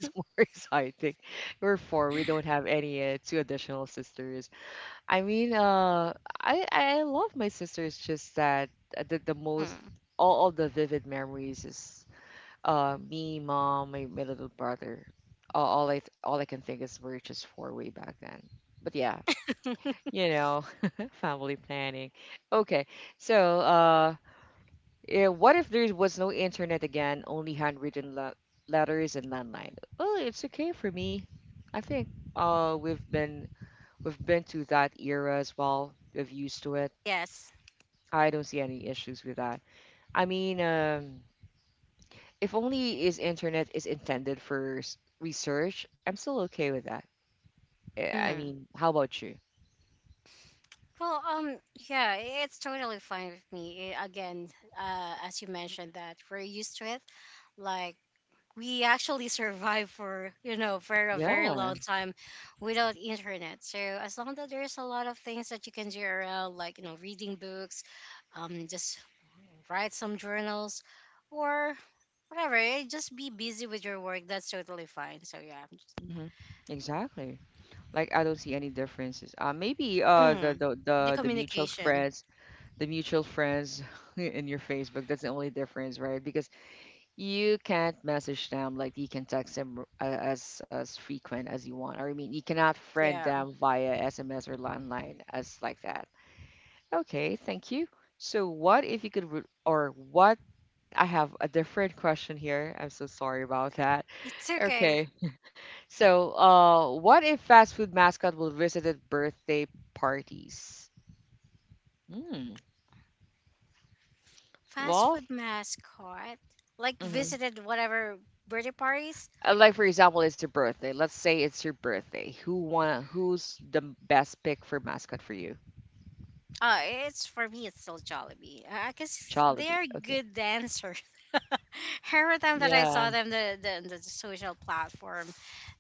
Speaker 1: is more exciting. We're four. We don't have any uh, two additional sisters. I mean, uh, I I love my sister. It's just that uh, the, the most, all of the vivid memories is uh me, mom, my, my little brother. All, all I th- all I can think is we're just four way back then. But yeah,
Speaker 2: Mm,
Speaker 1: you know, family planning. Okay, so uh, yeah, what if there was no internet again? Only handwritten le- letters and landline. Well, it's okay for me. I think uh we've been, we've been to that era as well. We've used to it.
Speaker 2: yes.
Speaker 1: I don't see any issues with that. I mean, um, if only is internet is intended for s- research, I'm still okay with that. Eh, I
Speaker 2: hmm
Speaker 1: mean, how about you?
Speaker 2: Well, um, yeah, it's totally fine with me. Eh, again, uh, as you mentioned that we're used to it. Like we actually survive for you know for a
Speaker 1: Yeah.
Speaker 2: very long time without internet, so as long as there's a lot of things that you can do around, like you know reading books, um just write some journals or whatever, eh, just be busy with your work, that's totally fine, so yeah.
Speaker 1: hmm Exactly. Like I don't see any differences. Uh, maybe uh the
Speaker 2: Mm,
Speaker 1: the
Speaker 2: the
Speaker 1: the, the mutual
Speaker 2: communication.
Speaker 1: friends, the mutual friends in your Facebook. That's the only difference, right? Because you can't message them like you can text them r- a- as as frequent as you want. Or I mean, you cannot friend
Speaker 2: Yeah,
Speaker 1: them via S M S or landline as like that. Okay, thank you. So what if you could re- or what, I have a different question here. I'm so sorry about that.
Speaker 2: it's okay.
Speaker 1: Okay. So, uh, what if fast food mascot will visit at birthday parties? Hmm.
Speaker 2: Fast
Speaker 1: Well,
Speaker 2: food mascot. Like
Speaker 1: mhm.
Speaker 2: visited whatever birthday parties.
Speaker 1: Uh, like for example, it's your birthday. Let's say it's your birthday. Who want? Who's the best pick for mascot for you?
Speaker 2: Oh, it's for me. It's still Jollibee because
Speaker 1: Jollibee.
Speaker 2: they're
Speaker 1: Okay.
Speaker 2: good dancers. Every time that I
Speaker 1: Yeah.
Speaker 2: saw them, the, the the social platform,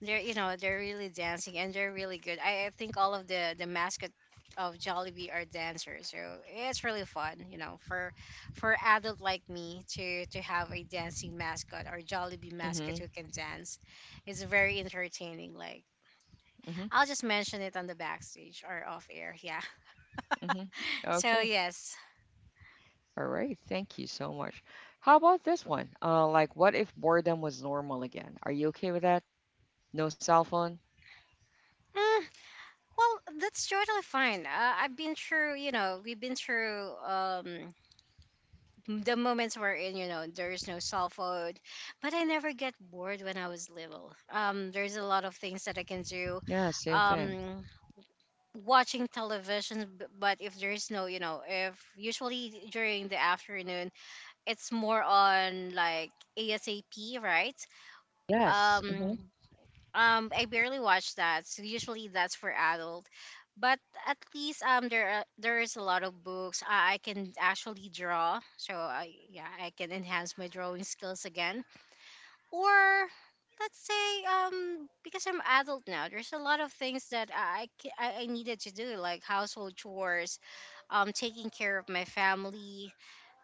Speaker 2: they're you know they're really dancing and they're really good. I, I think all of the the mascot of Jollibee are dancers, so it's really fun. You know, for for adult like me to to have a dancing mascot or Jollibee mascot
Speaker 1: Mhm.
Speaker 2: who can dance is very entertaining. Like
Speaker 1: Mhm.
Speaker 2: I'll just mention it on the backstage or off air. Yeah.
Speaker 1: Mhm.
Speaker 2: So
Speaker 1: Okay.
Speaker 2: yes.
Speaker 1: All right. Thank you so much. How about this one? Uh, like, what if boredom was normal again? Are you okay with that? No cell phone.
Speaker 2: Mm, well, that's totally fine. Uh, I've been through, you know, we've been through um, the moments where in, you know, there is no cell phone, but I never get bored when I was little. Um, there's a lot of things that I can do.
Speaker 1: Yeah. Same thing.
Speaker 2: Um, Watching television, b- but if there is no, you know, if usually during the afternoon, it's more on like ASAP, right?
Speaker 1: Yes.
Speaker 2: Um,
Speaker 1: Mhm.
Speaker 2: um, I barely watch that. So usually that's for adult. But at least um there are, there is a lot of books I, I can actually draw. So I yeah, I can enhance my drawing skills again. Or let's say um because I'm adult now, there's a lot of things that I I, ca- I I needed to do, like household chores, um taking care of my family.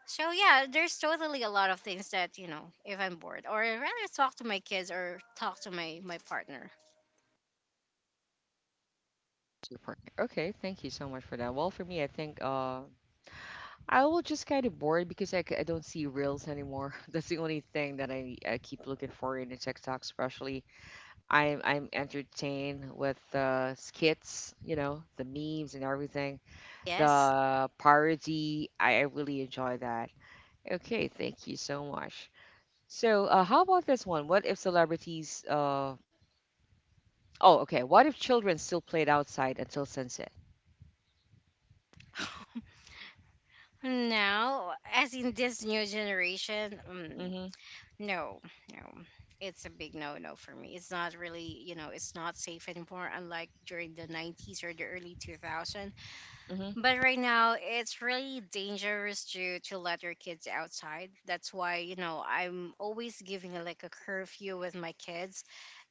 Speaker 2: So yeah, there's totally a lot of things that, you know, if I'm bored, or I'd rather talk to my kids or talk to my my partner.
Speaker 1: Super. Okay. Thank you so much for that. Well, for me, I think uh I will just kind of bored because I, c- I don't see reels anymore. That's the only thing that I, I keep looking for in the TikTok, especially. I'm I'm entertained with the skits, you know, the memes and everything,
Speaker 2: Yes.
Speaker 1: the parody. I, I really enjoy that. Okay, thank you so much. So, uh, how about this one? What if celebrities? Uh, oh, okay. What if children still played outside until sunset?
Speaker 2: No, as in this new generation, mm,
Speaker 1: Mm-hmm.
Speaker 2: no, no. It's a big no no for me. It's not really, you know, it's not safe anymore, unlike during the nineties or the early two thousands.
Speaker 1: Mm-hmm.
Speaker 2: But right now, it's really dangerous to, to let your kids outside. That's why, you know, I'm always giving a, like a curfew with my kids.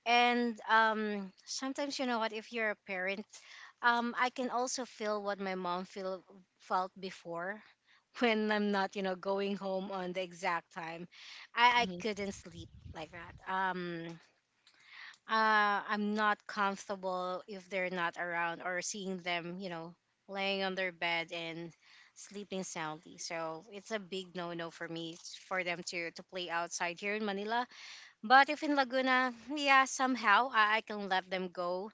Speaker 2: And um, sometimes, you know what, if you're a parent, um, I can also feel what my mom feel, felt before when I'm not, you know, going home on the exact time. I, I couldn't sleep like that. Um, uh, I'm not comfortable if they're not around or seeing them, you know, laying on their bed and sleeping soundly. So it's a big no-no for me for them to, to play outside here in Manila, but if in Laguna, yeah, somehow I, I can let them go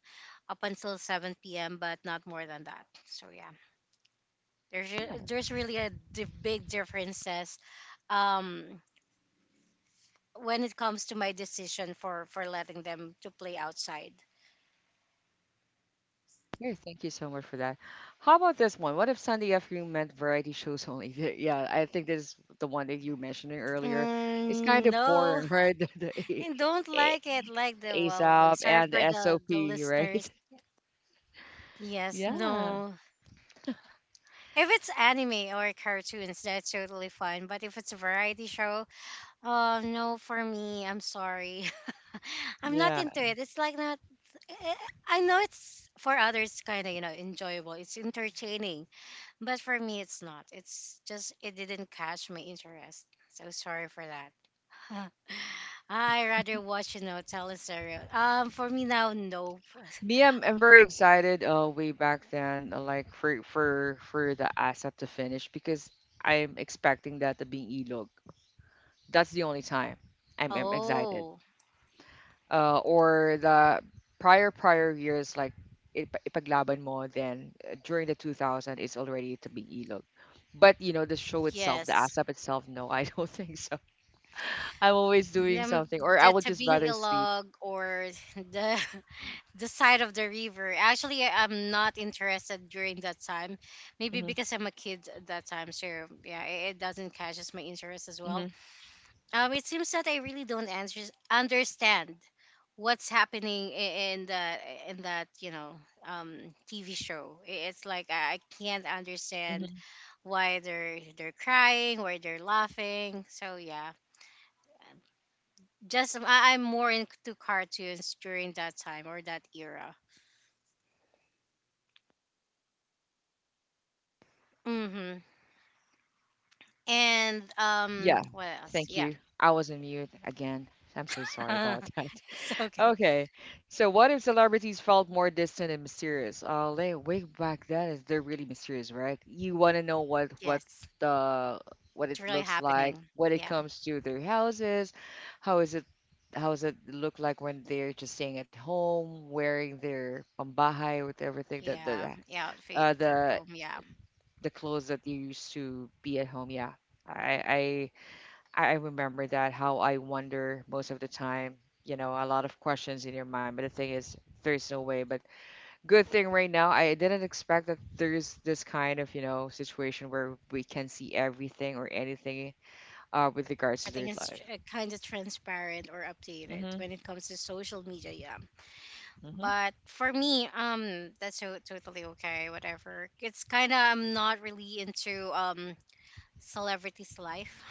Speaker 2: up until seven p m, but not more than that. So yeah, there's re-
Speaker 1: Mm-hmm.
Speaker 2: there's really a di- big differences um, when it comes to my decision for for letting them to play outside.
Speaker 1: Yeah, thank you so much for that. How about this one? What if Sunday afternoon meant variety shows only? Yeah, I think this is the one that you mentioned earlier. It's kind
Speaker 2: Mm,
Speaker 1: of
Speaker 2: no,
Speaker 1: boring, right? The, the A-
Speaker 2: I don't
Speaker 1: A-
Speaker 2: like it. Like the wow,
Speaker 1: ASAP
Speaker 2: wow. Sorry
Speaker 1: and the
Speaker 2: for the the
Speaker 1: S O P, right?
Speaker 2: listeners. Yes,
Speaker 1: Yeah,
Speaker 2: no. If it's anime or cartoons, that's totally fine. But if it's a variety show, oh no, for me, I'm sorry. I'm not
Speaker 1: yeah.
Speaker 2: into it. It's like not. eh, I know it's for others kind of you know enjoyable. It's entertaining, but for me, it's not. It's just it didn't catch my interest. So sorry for that. I rather watch you know teleseries. Um, for me now, nope.
Speaker 1: Me, I'm, I'm very excited. Uh, way back then, uh, like for for for the ASAP to finish because I'm expecting that to be Ilog. That's the only time I'm, I'm excited.
Speaker 2: Oh
Speaker 1: Uh, or the prior prior years like ip- ipaglaban mo, then uh, during the two thousand it's already to be ilog, but you know the show itself, the
Speaker 2: yes,
Speaker 1: asap itself, no, I don't think so. I'm always doing
Speaker 2: them
Speaker 1: something or I
Speaker 2: the
Speaker 1: would just
Speaker 2: Tabing
Speaker 1: rather sleep.
Speaker 2: Ilog or the the side of the river. Actually, I- I'm not interested during that time. Maybe
Speaker 1: hmm
Speaker 2: because I'm a kid at that time, so yeah, it, it doesn't catches my interest as well.
Speaker 1: hmm
Speaker 2: Um, it seems that I really don't answer, understand what's happening i- in the in that you know um T V show. I- It's like I, I can't understand
Speaker 1: hmm
Speaker 2: why they're they're crying, why they're laughing. So yeah, just I, I'm more into cartoons during that time or that era. Mm-hmm. And um,
Speaker 1: yeah,
Speaker 2: what else?
Speaker 1: thank
Speaker 2: Yeah,
Speaker 1: you. I was on mute again. I'm so sorry about that.
Speaker 2: it's okay.
Speaker 1: Okay, so what if celebrities felt more distant and mysterious? Uh, like way back then, is they're really mysterious, right? You want to know what what
Speaker 2: Yes, it's
Speaker 1: the, what it
Speaker 2: really
Speaker 1: looks
Speaker 2: happening.
Speaker 1: like, when it
Speaker 2: Yeah,
Speaker 1: comes to their houses, how is it, how does it look like when they're just staying at home, wearing their pambahay with everything that the
Speaker 2: yeah,
Speaker 1: the-
Speaker 2: yeah. Outfit
Speaker 1: uh
Speaker 2: for
Speaker 1: the
Speaker 2: home. Yeah,
Speaker 1: the clothes that they used to be at home. Yeah, I I remember that how I wonder most of the time, you know, a lot of questions in your mind. But the thing is, there's no way. But good thing right now, I didn't expect that there's this kind of, you know, situation where we can see everything or anything uh, with regards
Speaker 2: I
Speaker 1: to their
Speaker 2: think it's
Speaker 1: life.
Speaker 2: kind of transparent or updated
Speaker 1: Mm-hmm.
Speaker 2: when it comes to social media. Yeah,
Speaker 1: Mm-hmm.
Speaker 2: but for me, um, that's so totally okay. Whatever. It's kind of I'm not really into um celebrities' life.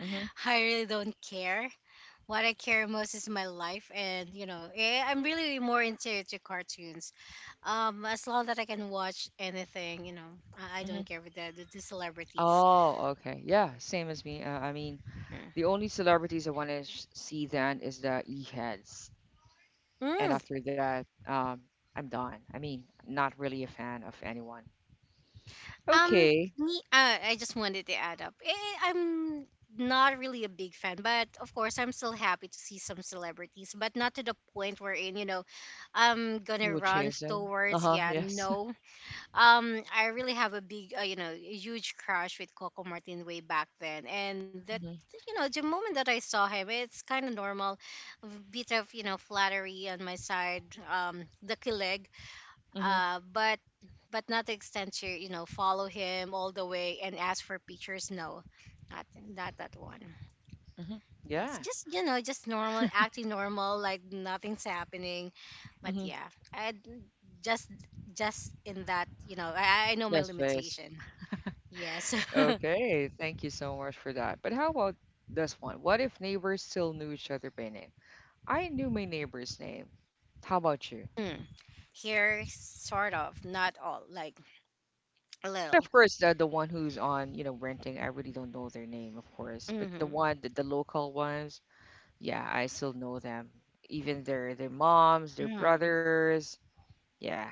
Speaker 1: Mm-hmm.
Speaker 2: I really don't care. What I care most is my life, and you know, eh, I'm really more into to cartoons. Um, as long that I can watch anything, you know, I, I
Speaker 1: Mm-hmm.
Speaker 2: don't care with the the, the celebrities.
Speaker 1: Oh, okay. Yeah, same as me. Uh, I mean,
Speaker 2: Mm.
Speaker 1: the only celebrities I want to sh- see then is the E-heads. And
Speaker 2: Mm.
Speaker 1: after that, um, I'm done. I mean, not really a fan of anyone.
Speaker 2: Um,
Speaker 1: Okay.
Speaker 2: Me, uh, I just wanted to add up. Eh, I'm not really a big fan, but of course, I'm still happy to see some celebrities, but not to the point wherein you know, I'm
Speaker 1: You
Speaker 2: gonna
Speaker 1: will
Speaker 2: run
Speaker 1: chase them.
Speaker 2: towards.
Speaker 1: Uh-huh,
Speaker 2: Yeah,
Speaker 1: yes.
Speaker 2: no, um I really have a big uh, you know huge crush with Coco Martin way back then. And that,
Speaker 1: Mm-hmm.
Speaker 2: you know, the moment that I saw him, it's kind of normal, a bit of, you know, flattery on my side, um the kilig,
Speaker 1: Mm-hmm.
Speaker 2: uh but but not the extent to, you know, follow him all the way and ask for pictures. No, not not that one.
Speaker 1: Mm-hmm. Yeah.
Speaker 2: Yes, just, you know, just normal, acting normal, like nothing's happening. But
Speaker 1: Mm-hmm.
Speaker 2: yeah, I just just in that, you know, I, I know my
Speaker 1: Yes, please.
Speaker 2: limitation. Yes.
Speaker 1: Okay. Thank you so much for that. But how about this one? What if neighbors still knew each other by name? I knew my neighbor's name. How about you?
Speaker 2: Hmm. Here, sort of, not all, like a little.
Speaker 1: Of course, the, the one who's on, you know, renting, I really don't know their name, of course. But the
Speaker 2: Mm-hmm.
Speaker 1: one, the, the local ones, yeah, I still know them. Even their their moms, their
Speaker 2: Mm.
Speaker 1: brothers. Yeah.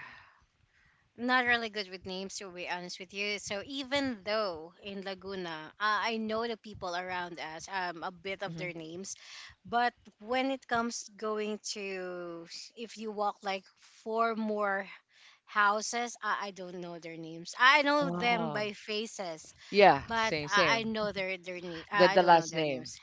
Speaker 2: Not really good with names, to be honest with you. So even though in Laguna, uh, I know the people around us, um a bit of
Speaker 1: Mm-hmm.
Speaker 2: their names. But when it comes going to s- if you walk like four more houses, i, I don't know their names. I know them
Speaker 1: Oh,
Speaker 2: by faces,
Speaker 1: yeah,
Speaker 2: but
Speaker 1: same,
Speaker 2: i, I
Speaker 1: same.
Speaker 2: know their their name.
Speaker 1: The
Speaker 2: I, I
Speaker 1: the
Speaker 2: don't know
Speaker 1: last
Speaker 2: their
Speaker 1: name,
Speaker 2: names.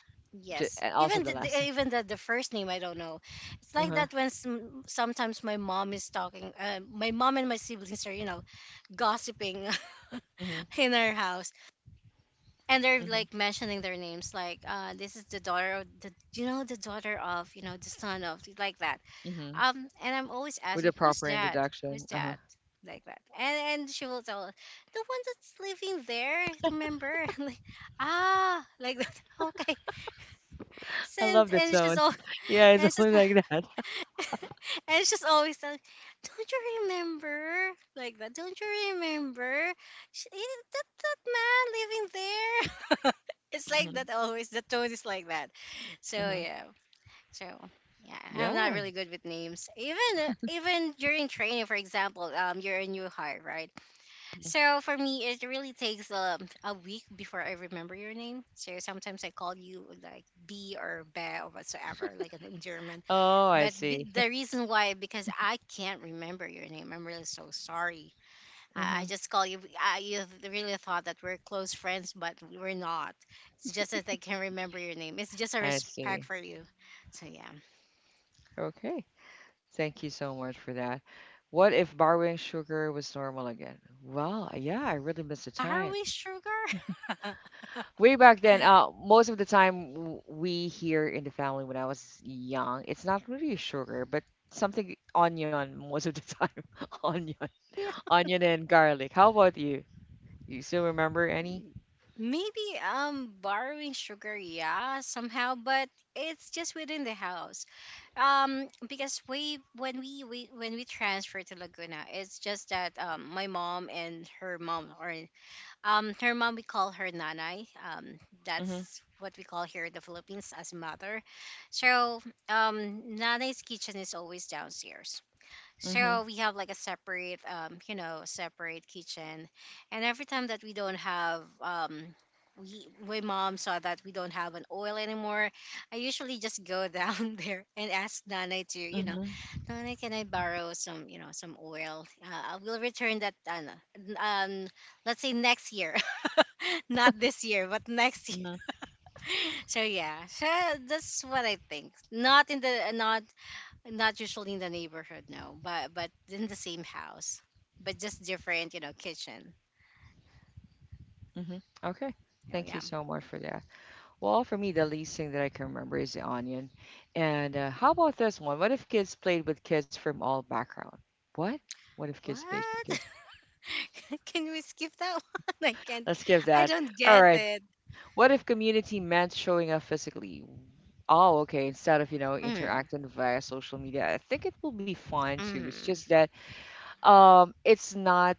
Speaker 1: j-
Speaker 2: Yes,
Speaker 1: and also
Speaker 2: even
Speaker 1: the
Speaker 2: the, the-
Speaker 1: last
Speaker 2: even
Speaker 1: name.
Speaker 2: the, the first name I don't know. It's like
Speaker 1: Uh-huh.
Speaker 2: that. When some, sometimes my mom is talking, uh, my mom and my siblings are, you know, gossiping
Speaker 1: Mhm.
Speaker 2: in our house, and they're
Speaker 1: Mhm.
Speaker 2: like mentioning their names, like, uh this is the daughter of the, you know, the daughter of, you know, the son, of like that.
Speaker 1: Mhm.
Speaker 2: Um and I'm always
Speaker 1: With a
Speaker 2: asking, who's
Speaker 1: proper
Speaker 2: that?
Speaker 1: introduction.
Speaker 2: Who's
Speaker 1: Uh-huh.
Speaker 2: that? Like that. And and she will tell us, the one that's living there, remember? I'm like, ah, like that. Okay. So,
Speaker 1: I
Speaker 2: and,
Speaker 1: love that
Speaker 2: and she's
Speaker 1: tone.
Speaker 2: all,
Speaker 1: Yeah, it's
Speaker 2: and she's,
Speaker 1: always like that.
Speaker 2: and she's always telling, "Don't you remember?" Like that. Don't you remember? She, eh, that that man living there. It's like
Speaker 1: Mhm.
Speaker 2: that always. The tone is like that. So
Speaker 1: Mhm.
Speaker 2: yeah. So yeah, I'm not
Speaker 1: Yeah.
Speaker 2: really good with names. Even uh, even during training, for example, um, you're a new hire, right? So for me, it really takes um a week before I remember your name. So sometimes I call you like B or Be or whatsoever, like an endearment.
Speaker 1: Oh, I
Speaker 2: But be-
Speaker 1: see.
Speaker 2: the reason why, because I can't remember your name. I'm really so sorry. I, I
Speaker 1: Mhm.
Speaker 2: just call you. I, you really thought that we're close friends, but we're not. It's just that I can't remember your name. It's just a
Speaker 1: I
Speaker 2: respect
Speaker 1: see.
Speaker 2: for you. So yeah,
Speaker 1: Okay. Thank you so much for that. What if borrowing sugar was normal again? Well, yeah, I really miss the time.
Speaker 2: borrowing sugar.
Speaker 1: Way back then, uh, most of the time, w- we here in the family when I was young, it's not really sugar, but something onion most of the time. Onion,
Speaker 2: Yeah,
Speaker 1: onion and garlic, how about you? You still remember any?
Speaker 2: maybe, um borrowing sugar. Yeah, somehow, but it's just within the house. Um, because we, when we, we when we transferred to Laguna, it's just that, um my mom and her mom are, Um, her mom, we call her nanay. Um,
Speaker 1: hmm
Speaker 2: that's what we call here in the Philippines as mother. So, um, nanay's kitchen is always downstairs.
Speaker 1: hmm hmm
Speaker 2: So we have like a separate, um, you know, separate kitchen, and every time that we don't have, um, we, my mom saw that we don't have an oil anymore. I usually just go down there and ask nanay to, you know, nanay, can I borrow some, you know, some oil? Uh, I will return that, uh, um, let's say next year. Not this year, but next year.
Speaker 1: mm-hmm
Speaker 2: So yeah, so that's what I think. Not in the not not usually in the neighborhood, no, but but in the same house, but just different, you know, kitchen.
Speaker 1: hmm okay,
Speaker 2: Oh
Speaker 1: thank you
Speaker 2: yeah.
Speaker 1: so much for that. Well, for me, the least thing that I can remember is the onion. And uh, how about this one, what if kids played with kids from all background? what what if kids played with
Speaker 2: What?
Speaker 1: kids,
Speaker 2: Can we skip that one? I can't.
Speaker 1: let's give
Speaker 2: I
Speaker 1: that.
Speaker 2: don't
Speaker 1: All
Speaker 2: get
Speaker 1: right.
Speaker 2: it.
Speaker 1: What if community meant showing up physically? Oh, okay. Instead of, you know,
Speaker 2: Mm,
Speaker 1: interacting via social media, I think it will be fine too. It's just
Speaker 2: mm,
Speaker 1: that um it's not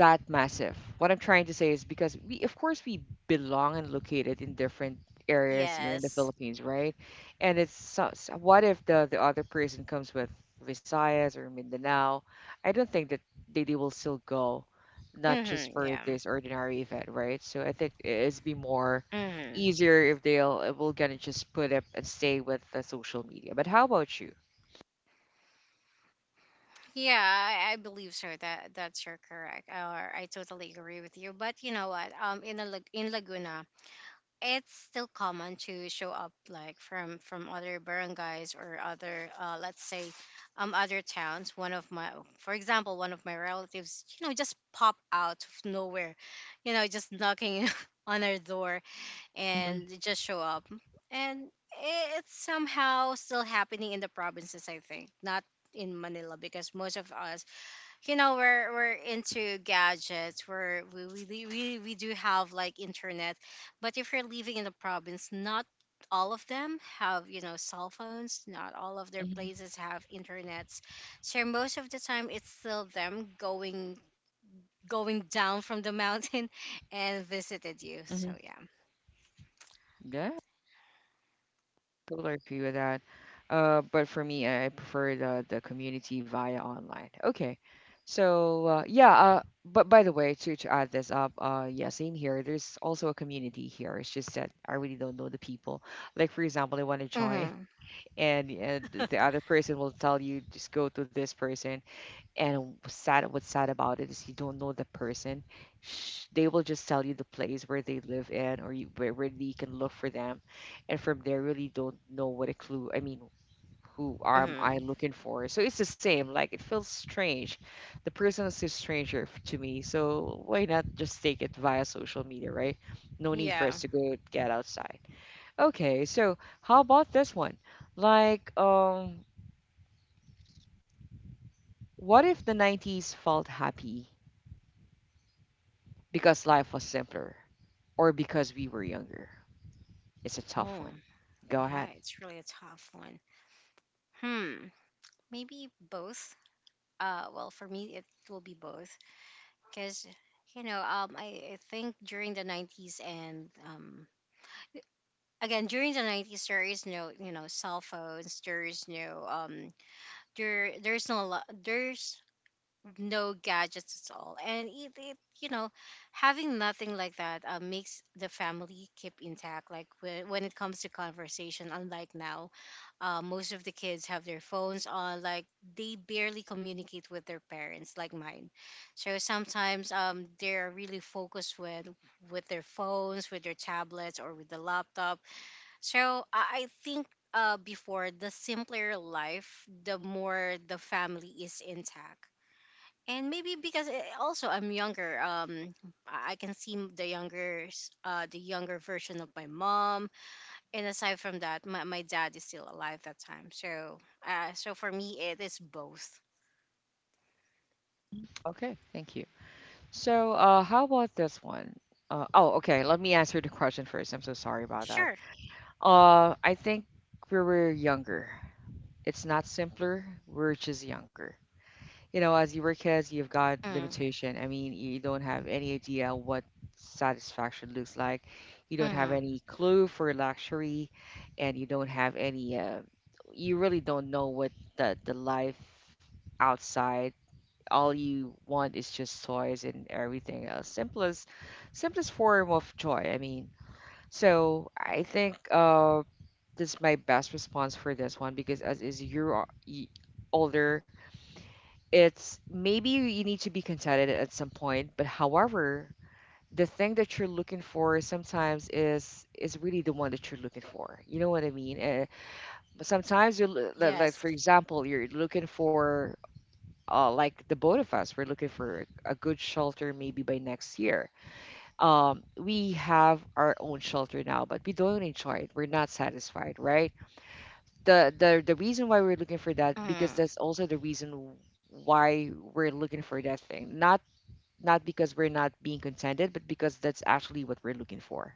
Speaker 1: that massive. What I'm trying to say is because we, of course, we belong and located in different areas here in the
Speaker 2: yes.
Speaker 1: Philippines, right? And it's so, so what if the the other person comes with Visayas or Mindanao, I don't think that they, they will still go, not just
Speaker 2: Mm,
Speaker 1: for
Speaker 2: yeah.
Speaker 1: this ordinary event, right? So I think it's be more
Speaker 2: Mm.
Speaker 1: easier if they'll, if we're gonna just put up and stay with the social media. But how about you?
Speaker 2: Yeah, I, I believe so. That that's you're correct, or I totally agree with you. But you know what? Um, in a, Lag- in Laguna, it's still common to show up like from from other barangays or other, uh, let's say um other towns. One of my, for example, one of my relatives, you know, just pop out of nowhere, you know, just knocking on our door,
Speaker 1: hmm
Speaker 2: and they just show up. And it's somehow still happening in the provinces, I think, not in Manila, because most of us, you know, we're we're into gadgets, we're we we, we, we we do have like internet. But if you're living in the province, not all of them have, you know, cell phones. Not all of their
Speaker 1: hmm
Speaker 2: places have internets. So most of the time it's still them going, going down from the mountain and visited
Speaker 1: hmm
Speaker 2: you. So yeah.
Speaker 1: yeah, totally agree with that. Uh, but for me, I prefer the the community via online. Okay, so uh, yeah. Uh, but by the way, to to add this up, uh, yeah, same here. There's also a community here. It's just that I really don't know the people. Like for example, I want to join,
Speaker 2: Mm-hmm.
Speaker 1: and, and the other person will tell you just go to this person. And what's sad, what's sad about it is you don't know the person. Sh- They will just tell you the place where they live in, or you, where, where you can look for them, and from there really don't know what a clue. I mean, who am I
Speaker 2: Mm-hmm.
Speaker 1: looking for? So it's the same. Like it feels strange. The person is a stranger f- to me, so why not just take it via social media, right? No need for
Speaker 2: Yeah.
Speaker 1: us to go get outside. Okay, so how about this one? Like, um, what if the nineties felt happy because life was simpler or because we were younger? It's a tough
Speaker 2: Oh
Speaker 1: one. Go
Speaker 2: yeah,
Speaker 1: ahead.
Speaker 2: it's really a tough one. Hmm. Maybe both. uh well, for me it will be both. Because, you know, um I, I think during the nineties, and um again during the nineties there is no, you know, cell phones. There is no, um there there's no, lo- there's no gadgets at all. And it, it you know, having nothing like that, uh, makes the family keep intact, like whe- when it comes to conversation. Unlike now, uh, most of the kids have their phones on, like they barely communicate with their parents, like mine. So sometimes, um, they're really focused with with their phones, with their tablets, or with the laptop. So i, I think, uh, before, the simpler life, the more the family is intact. And maybe because, eh, also I'm younger, um, I I can see the younger, s- uh, the younger version of my mom. And aside from that, my, my dad is still alive that time. So, uh, so for me, it is both.
Speaker 1: Okay, thank you. So, uh, how about this one? Uh, oh, okay, let me answer the question first. I'm so sorry about that.
Speaker 2: Sure.
Speaker 1: Uh, I think we were younger. It's not simpler. We're just younger. You know, as you were kids, you've got
Speaker 2: Mm,
Speaker 1: limitation. I mean, you don't have any idea what satisfaction looks like. You don't have
Speaker 2: mm,
Speaker 1: any clue for luxury, and you don't have any. Uh, you really don't know what the the life outside. All you want is just toys and everything else. Simplest, simplest form of joy. I mean, so I think uh, this is my best response for this one because as is you're older, it's maybe you you need to be contented at some point, but however, the thing that you're looking for sometimes is is really the one that you're looking for. You know what I mean? Uh, but sometimes you are like, like
Speaker 2: yes.
Speaker 1: for example, you're looking for uh, like the both of us, we're looking for a good shelter maybe by next year. Um, we have our own shelter now, but we don't enjoy it. We're not satisfied, right? The the the reason why we're looking for that because
Speaker 2: Mm,
Speaker 1: that's also the reason why we're looking for that thing, not not because we're not being contented, but because that's actually what we're looking for.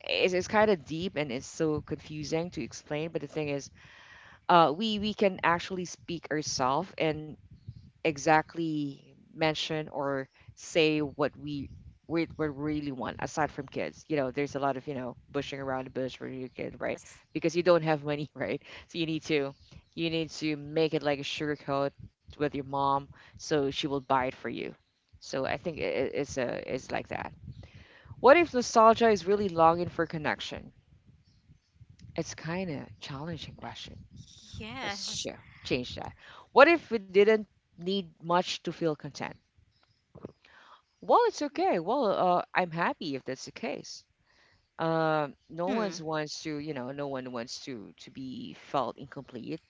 Speaker 1: It's, it's kind of deep and it's so confusing to explain, but the thing is, uh, we we can actually speak ourselves, and exactly mention or say what we we, we really want aside from kids. You know, there's a lot of, you know, bushing around the bush for your kid, right?
Speaker 2: yes.
Speaker 1: Because you don't have money right. So you need to, you need to make it like a sugar coat with your mom so she will buy it for you. So I think it, it's a it's like that. What if nostalgia is really longing for connection? It's kind of challenging question. let's sh-
Speaker 2: Yes.
Speaker 1: change that. What if we didn't need much to feel content? Well, it's okay. Well, uh, I'm happy if that's the case. Um, no one's
Speaker 2: Hmm.
Speaker 1: wants to, you know, no one wants to to be felt incomplete.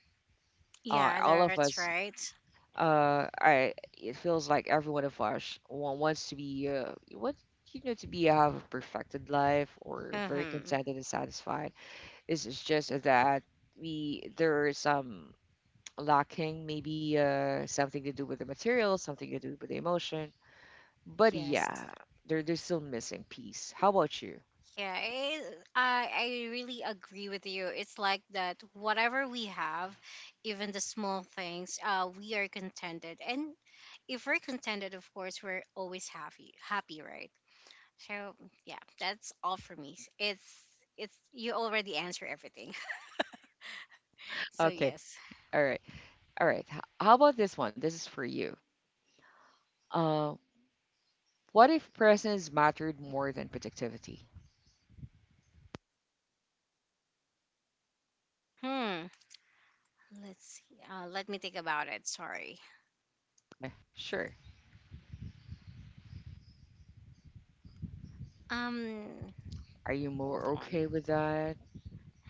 Speaker 1: Uh,
Speaker 2: Yeah,
Speaker 1: all of
Speaker 2: that's
Speaker 1: us,
Speaker 2: right.
Speaker 1: uh, I it feels like every one of us wa- wants to be, uh, what, you know, to be have a perfected life or very
Speaker 2: Mm-hmm.
Speaker 1: contented and satisfied. It's it's just that we there is some lacking, maybe uh, something to do with the material, something to do with the emotion. But
Speaker 2: Yes.
Speaker 1: yeah, they're they're still missing piece. How about you?
Speaker 2: Yeah, it, I I really agree with you. It's like that. Whatever we have, even the small things, uh, we are contented. And if we're contented, of course, we're always happy, happy, right? So yeah, that's all for me. It's it's you already answer everything. So
Speaker 1: Okay.
Speaker 2: yes.
Speaker 1: All right. All right. H- How about this one? This is for you. Uh, what if presence mattered more than productivity?
Speaker 2: Hmm. Let's see. Uh, let me think about it. Sorry.
Speaker 1: Eh, Sure.
Speaker 2: Um.
Speaker 1: Are you
Speaker 2: Hold
Speaker 1: more
Speaker 2: on.
Speaker 1: okay with that?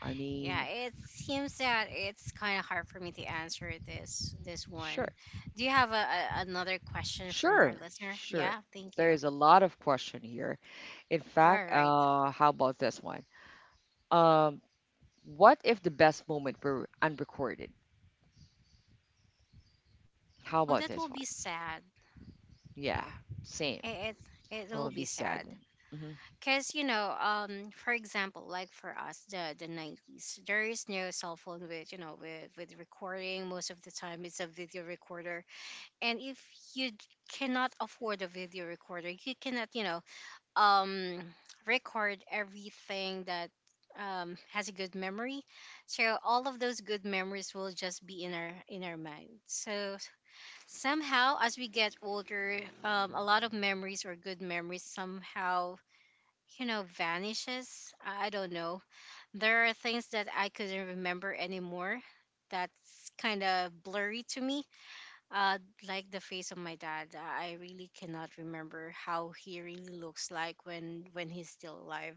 Speaker 1: I
Speaker 2: Yeah,
Speaker 1: mean,
Speaker 2: it seems that it's kind of hard for me to answer this this one.
Speaker 1: sure.
Speaker 2: Do you have a, a another question from our
Speaker 1: Sure.
Speaker 2: listener?
Speaker 1: Sure.
Speaker 2: Yeah, thank
Speaker 1: There
Speaker 2: you.
Speaker 1: is a lot of question here. In
Speaker 2: All
Speaker 1: fact,
Speaker 2: right.
Speaker 1: uh, how about this one? Um, what if the best moment were unrecorded? How
Speaker 2: Oh,
Speaker 1: about
Speaker 2: that
Speaker 1: this
Speaker 2: will
Speaker 1: one?
Speaker 2: be sad.
Speaker 1: Yeah, same.
Speaker 2: It it, it will
Speaker 1: I'll
Speaker 2: be
Speaker 1: be sad.
Speaker 2: sad.
Speaker 1: Hmm.
Speaker 2: Cause you know, um, for example, like for us, the the nineties, there is no cell phone with, you know, with with recording. Most of the time, it's a video recorder, and if you d- cannot afford a video recorder, you cannot, you know, um record everything that um has a good memory. So all of those good memories will just be in our, in our mind. So somehow as we get older, um a lot of memories or good memories somehow, you know, vanishes. i I don't know. There are things that I couldn't remember anymore. That's kind of blurry to me. uh, like the face of my dad, uh, I really cannot remember how he really looks like when when he's still alive.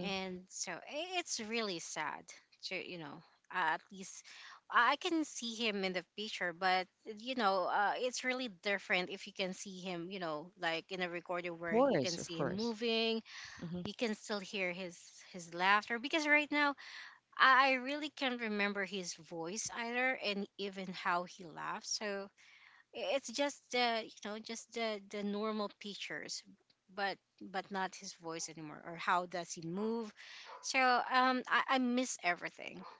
Speaker 2: And so I- it's really sad. To, you know, uh, at least I I can see him in the picture. But, you know, uh, it's really different if you can see him, you know, like in a recording where you can
Speaker 1: Course, of
Speaker 2: see him
Speaker 1: course.
Speaker 2: moving.
Speaker 1: Hmm.
Speaker 2: You can still hear his his laughter. Because right now, I I really can't remember his voice either, and even how he laughs. So it's just the, you know, just the the normal pictures, but but not his voice anymore or how does he move. So um i, I miss everything.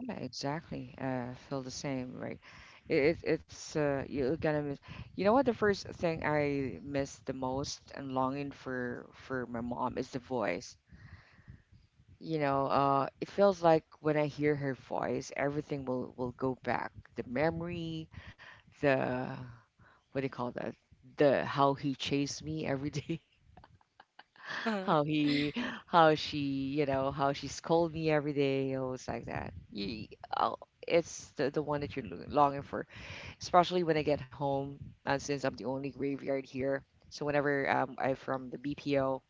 Speaker 1: Yeah, exactly. Uh, feel the same, right? It, it, it's uh, You're gonna miss. You know what? The first thing I miss the most and longing for for my mom is the voice. You know, uh, it feels like when I hear her voice, everything will will go back. The memory, the, what do you call that? The how he chased me every day. How he, how she, you know, how she scolded me every day. I was like that, you, oh, it's the, the one that you're lo- longing for, especially when I get home. Uh, since I'm the only graveyard here, so whenever um, I'm from the BPO,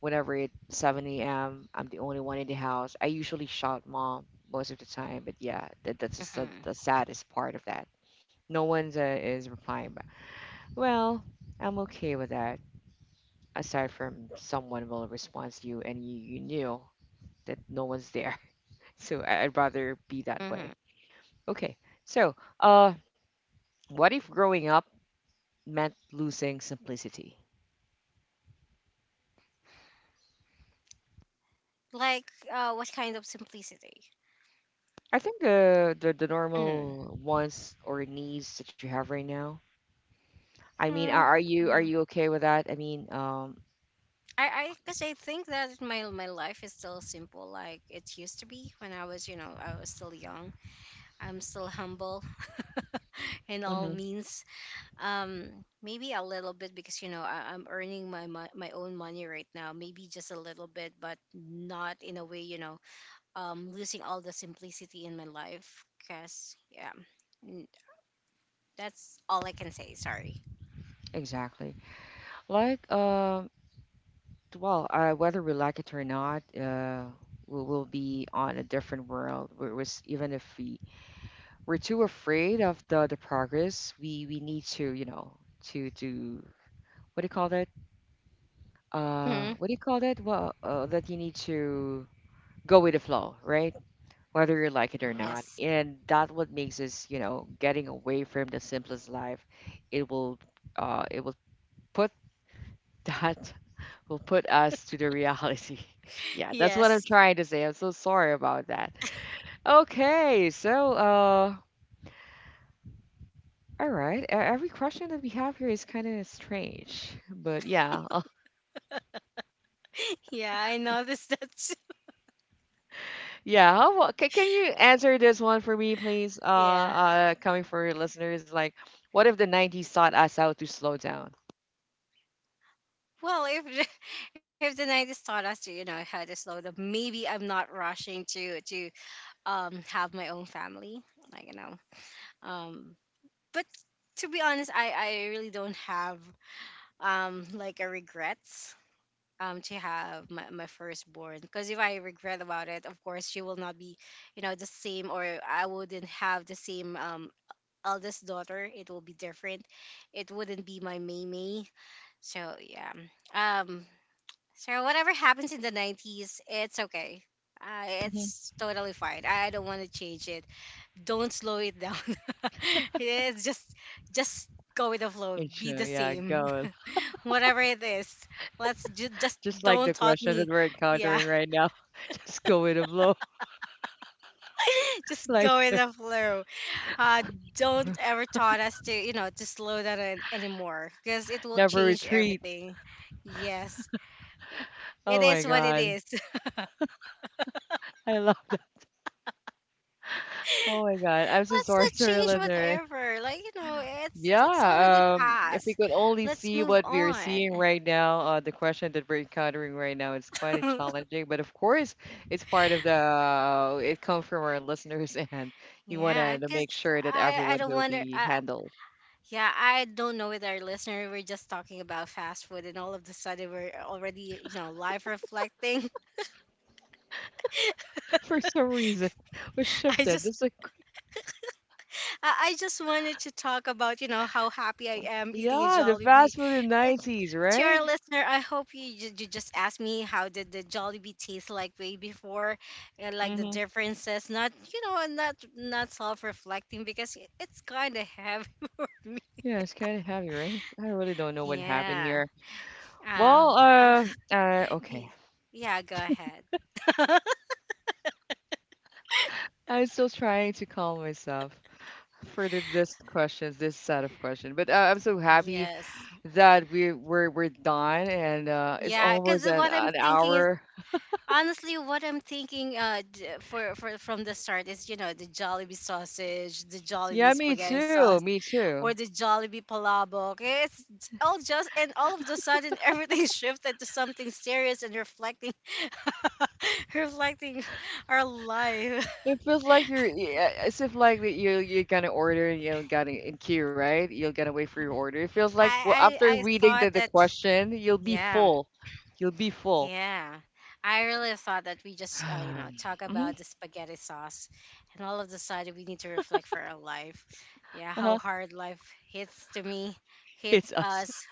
Speaker 1: whenever it's seven a.m, I'm the only one in the house. I usually shout mom most of the time, but yeah, that, that's just the,
Speaker 2: Mm-hmm.
Speaker 1: the saddest part of that. No one's, uh, is replying, but well, I'm okay with that. Aside from someone will respond to you and you, you knew that no one's there. So I- I'd rather be that
Speaker 2: Mm-hmm.
Speaker 1: way. Okay. So, uh, what if growing up meant losing simplicity?
Speaker 2: Like, uh what kind of simplicity?
Speaker 1: I think the, the the
Speaker 2: Mm-hmm.
Speaker 1: normal wants or needs that you have right now. I mean, are,
Speaker 2: Hmm.
Speaker 1: are you, are
Speaker 2: Yeah.
Speaker 1: you okay with that? I mean, um,
Speaker 2: I I Because I think that my my life is still simple like it used to be when, I was you know, I was still young. I'm still humble. In all
Speaker 1: mhm,
Speaker 2: means. um Maybe a little bit because, you know, I, I'm earning my, my my own money right now. Maybe just a little bit, but not in a way, you know, um losing all the simplicity in my life. Because yeah, n- that's all I can say. Sorry.
Speaker 1: exactly. Like, um, well, uh, whether we like it or not, uh, we will be on a different world. Whereas even if we we're too afraid of the the progress. We we need to, you know, to to what do you call that? Uh,
Speaker 2: Hmm.
Speaker 1: what do you call that? Well, uh, that you need to go with the flow, right? Whether you like it or not,
Speaker 2: Yes.
Speaker 1: and that what makes us, you know, getting away from the simplest life. It will, uh it will put that will put us to the reality. Yeah, that's what I'm
Speaker 2: Yes.
Speaker 1: trying to say. I'm so sorry about that. Okay, so uh all right. e- Every question that we have here is kind of strange, but yeah, uh,
Speaker 2: Yeah, I noticed that too.
Speaker 1: yeah. How about, can, can you answer this one for me, please? Uh,
Speaker 2: Yeah,
Speaker 1: uh, coming for your listeners, like, what if the nineties taught us how to slow down?
Speaker 2: well if the- if the nineties taught us to, you know, how to slow down, maybe I'm not rushing to to um have my own family, like, you know, um, but to be honest, I, I really don't have, um like a regrets, um to have my, my firstborn. Because if I regret about it, of course, she will not be, you know, the same. Or I wouldn't have the same, um eldest daughter. It will be different. It wouldn't be my Maymay. So yeah. Um so whatever happens in the nineties, it's okay. Uh,
Speaker 1: Mhm.
Speaker 2: it's totally fine. I I don't want to change it. Don't slow it down. It's just just go with the flow.
Speaker 1: And
Speaker 2: Be
Speaker 1: sure,
Speaker 2: the
Speaker 1: yeah,
Speaker 2: same,
Speaker 1: go.
Speaker 2: whatever it is. Let's ju- just
Speaker 1: Just like the
Speaker 2: don't taught
Speaker 1: question that
Speaker 2: me.
Speaker 1: we're
Speaker 2: Yeah,
Speaker 1: encountering right now, just go with the flow.
Speaker 2: just
Speaker 1: Like,
Speaker 2: go with the flow. Uh, don't
Speaker 1: r-
Speaker 2: ever taught us to, you know, to slow down an- anymore, because it will
Speaker 1: never
Speaker 2: change
Speaker 1: retreat.
Speaker 2: everything. Yes. It
Speaker 1: Oh my
Speaker 2: is what it
Speaker 1: God,
Speaker 2: is.
Speaker 1: I love that. Oh my God, I'm so
Speaker 2: Let's
Speaker 1: sorry
Speaker 2: not
Speaker 1: to our
Speaker 2: change
Speaker 1: listener.
Speaker 2: whatever. Like, you know, it's it's already
Speaker 1: Yeah, um, if we
Speaker 2: past.
Speaker 1: could only
Speaker 2: Let's
Speaker 1: see
Speaker 2: move
Speaker 1: what we are
Speaker 2: on.
Speaker 1: seeing right now, uh, the question that we're encountering right now is quite a challenging, but of course, it's part of the, uh, it comes from our listeners, and you want
Speaker 2: Yeah,
Speaker 1: to
Speaker 2: because
Speaker 1: make sure that
Speaker 2: I I
Speaker 1: everyone
Speaker 2: don't
Speaker 1: will
Speaker 2: wonder.
Speaker 1: be
Speaker 2: Uh,
Speaker 1: handled.
Speaker 2: yeah, I don't know with our listener. We're just talking about fast food, and all of the sudden we're already, you know, live reflecting.
Speaker 1: For some reason, was
Speaker 2: I
Speaker 1: shifted.
Speaker 2: just
Speaker 1: That's like,
Speaker 2: I I just wanted to talk about, you know, how happy I am eating a
Speaker 1: yeah, the
Speaker 2: Jollibee.
Speaker 1: fast food in nineties,
Speaker 2: To our
Speaker 1: right?
Speaker 2: listener, I hope you ju- you just asked me how did the Jollibee taste like way before, and like the
Speaker 1: Mm-hmm.
Speaker 2: differences. Not, you know, not not self reflecting, because it- it's kind of heavy for me.
Speaker 1: Yeah, it's kind of heavy, right? I really don't know what happened
Speaker 2: Yeah.
Speaker 1: here. Well,
Speaker 2: Uh,
Speaker 1: uh, uh, okay.
Speaker 2: Y- Yeah, go ahead.
Speaker 1: I'm still trying to calm myself. Further this questions, this set of questions. But uh, I'm so happy
Speaker 2: Yes.
Speaker 1: that we we're we're done, and uh, it's
Speaker 2: Yeah, because
Speaker 1: almost an
Speaker 2: what I'm
Speaker 1: an
Speaker 2: thinking is,
Speaker 1: hour.
Speaker 2: honestly what I'm thinking, uh d- for for from the start is, you know, the Jollibee sausage, the
Speaker 1: Yeah,
Speaker 2: Jollibee
Speaker 1: me
Speaker 2: spaghetti
Speaker 1: too.
Speaker 2: sauce,
Speaker 1: Me too.
Speaker 2: or the Jollibee palabok. It's j- all just, and all of the sudden everything shifted to something serious and reflecting, reflecting our life.
Speaker 1: It feels like you're, yeah, as if like that you you're gonna order and you're gonna in queue, right? You're gonna wait for your order. It feels like, well,
Speaker 2: I
Speaker 1: after
Speaker 2: I I
Speaker 1: reading the,
Speaker 2: thought
Speaker 1: the
Speaker 2: that,
Speaker 1: question, you'll be
Speaker 2: yeah.
Speaker 1: full. You'll be full.
Speaker 2: Yeah, I really thought that we just, uh, you know, talk
Speaker 1: Mhm,
Speaker 2: about the spaghetti sauce, and all of the sudden we need to reflect for our life. Yeah, how
Speaker 1: uh-huh.
Speaker 2: hard life hits to me,
Speaker 1: It's
Speaker 2: hits
Speaker 1: us.
Speaker 2: us.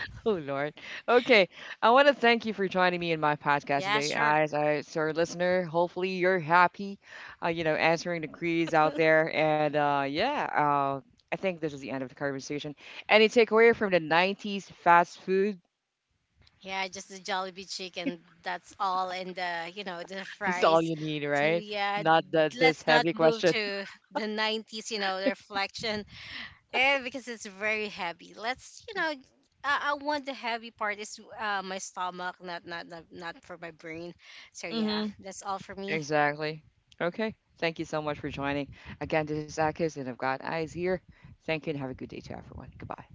Speaker 1: Oh Lord. Okay. I want to thank you for joining me in my podcast
Speaker 2: Yeah,
Speaker 1: today.
Speaker 2: sure.
Speaker 1: As a sir listener, hopefully you're happy, uh, you know, answering the queries out there. And uh, yeah, uh, I think this is the end of the conversation. Any takeaway from the nineties fast food?
Speaker 2: Yeah, just the Jollibee chicken. That's all, and the, you know, the
Speaker 1: That's all
Speaker 2: fries.
Speaker 1: you need,
Speaker 2: So
Speaker 1: right?
Speaker 2: yeah,
Speaker 1: Not the, this
Speaker 2: let's not
Speaker 1: heavy
Speaker 2: move
Speaker 1: question.
Speaker 2: to the nineties. You know, the reflection. Eh, because it's very heavy. Let's, you know, I, I want the heavy part is, uh, my stomach, not, not not not for my brain. So yeah,
Speaker 1: Hmm.
Speaker 2: that's all for me.
Speaker 1: Exactly. Okay. Thank you so much for joining. Again, this is Akis, and I've got eyes here. Thank you, and have a good day to everyone. Goodbye.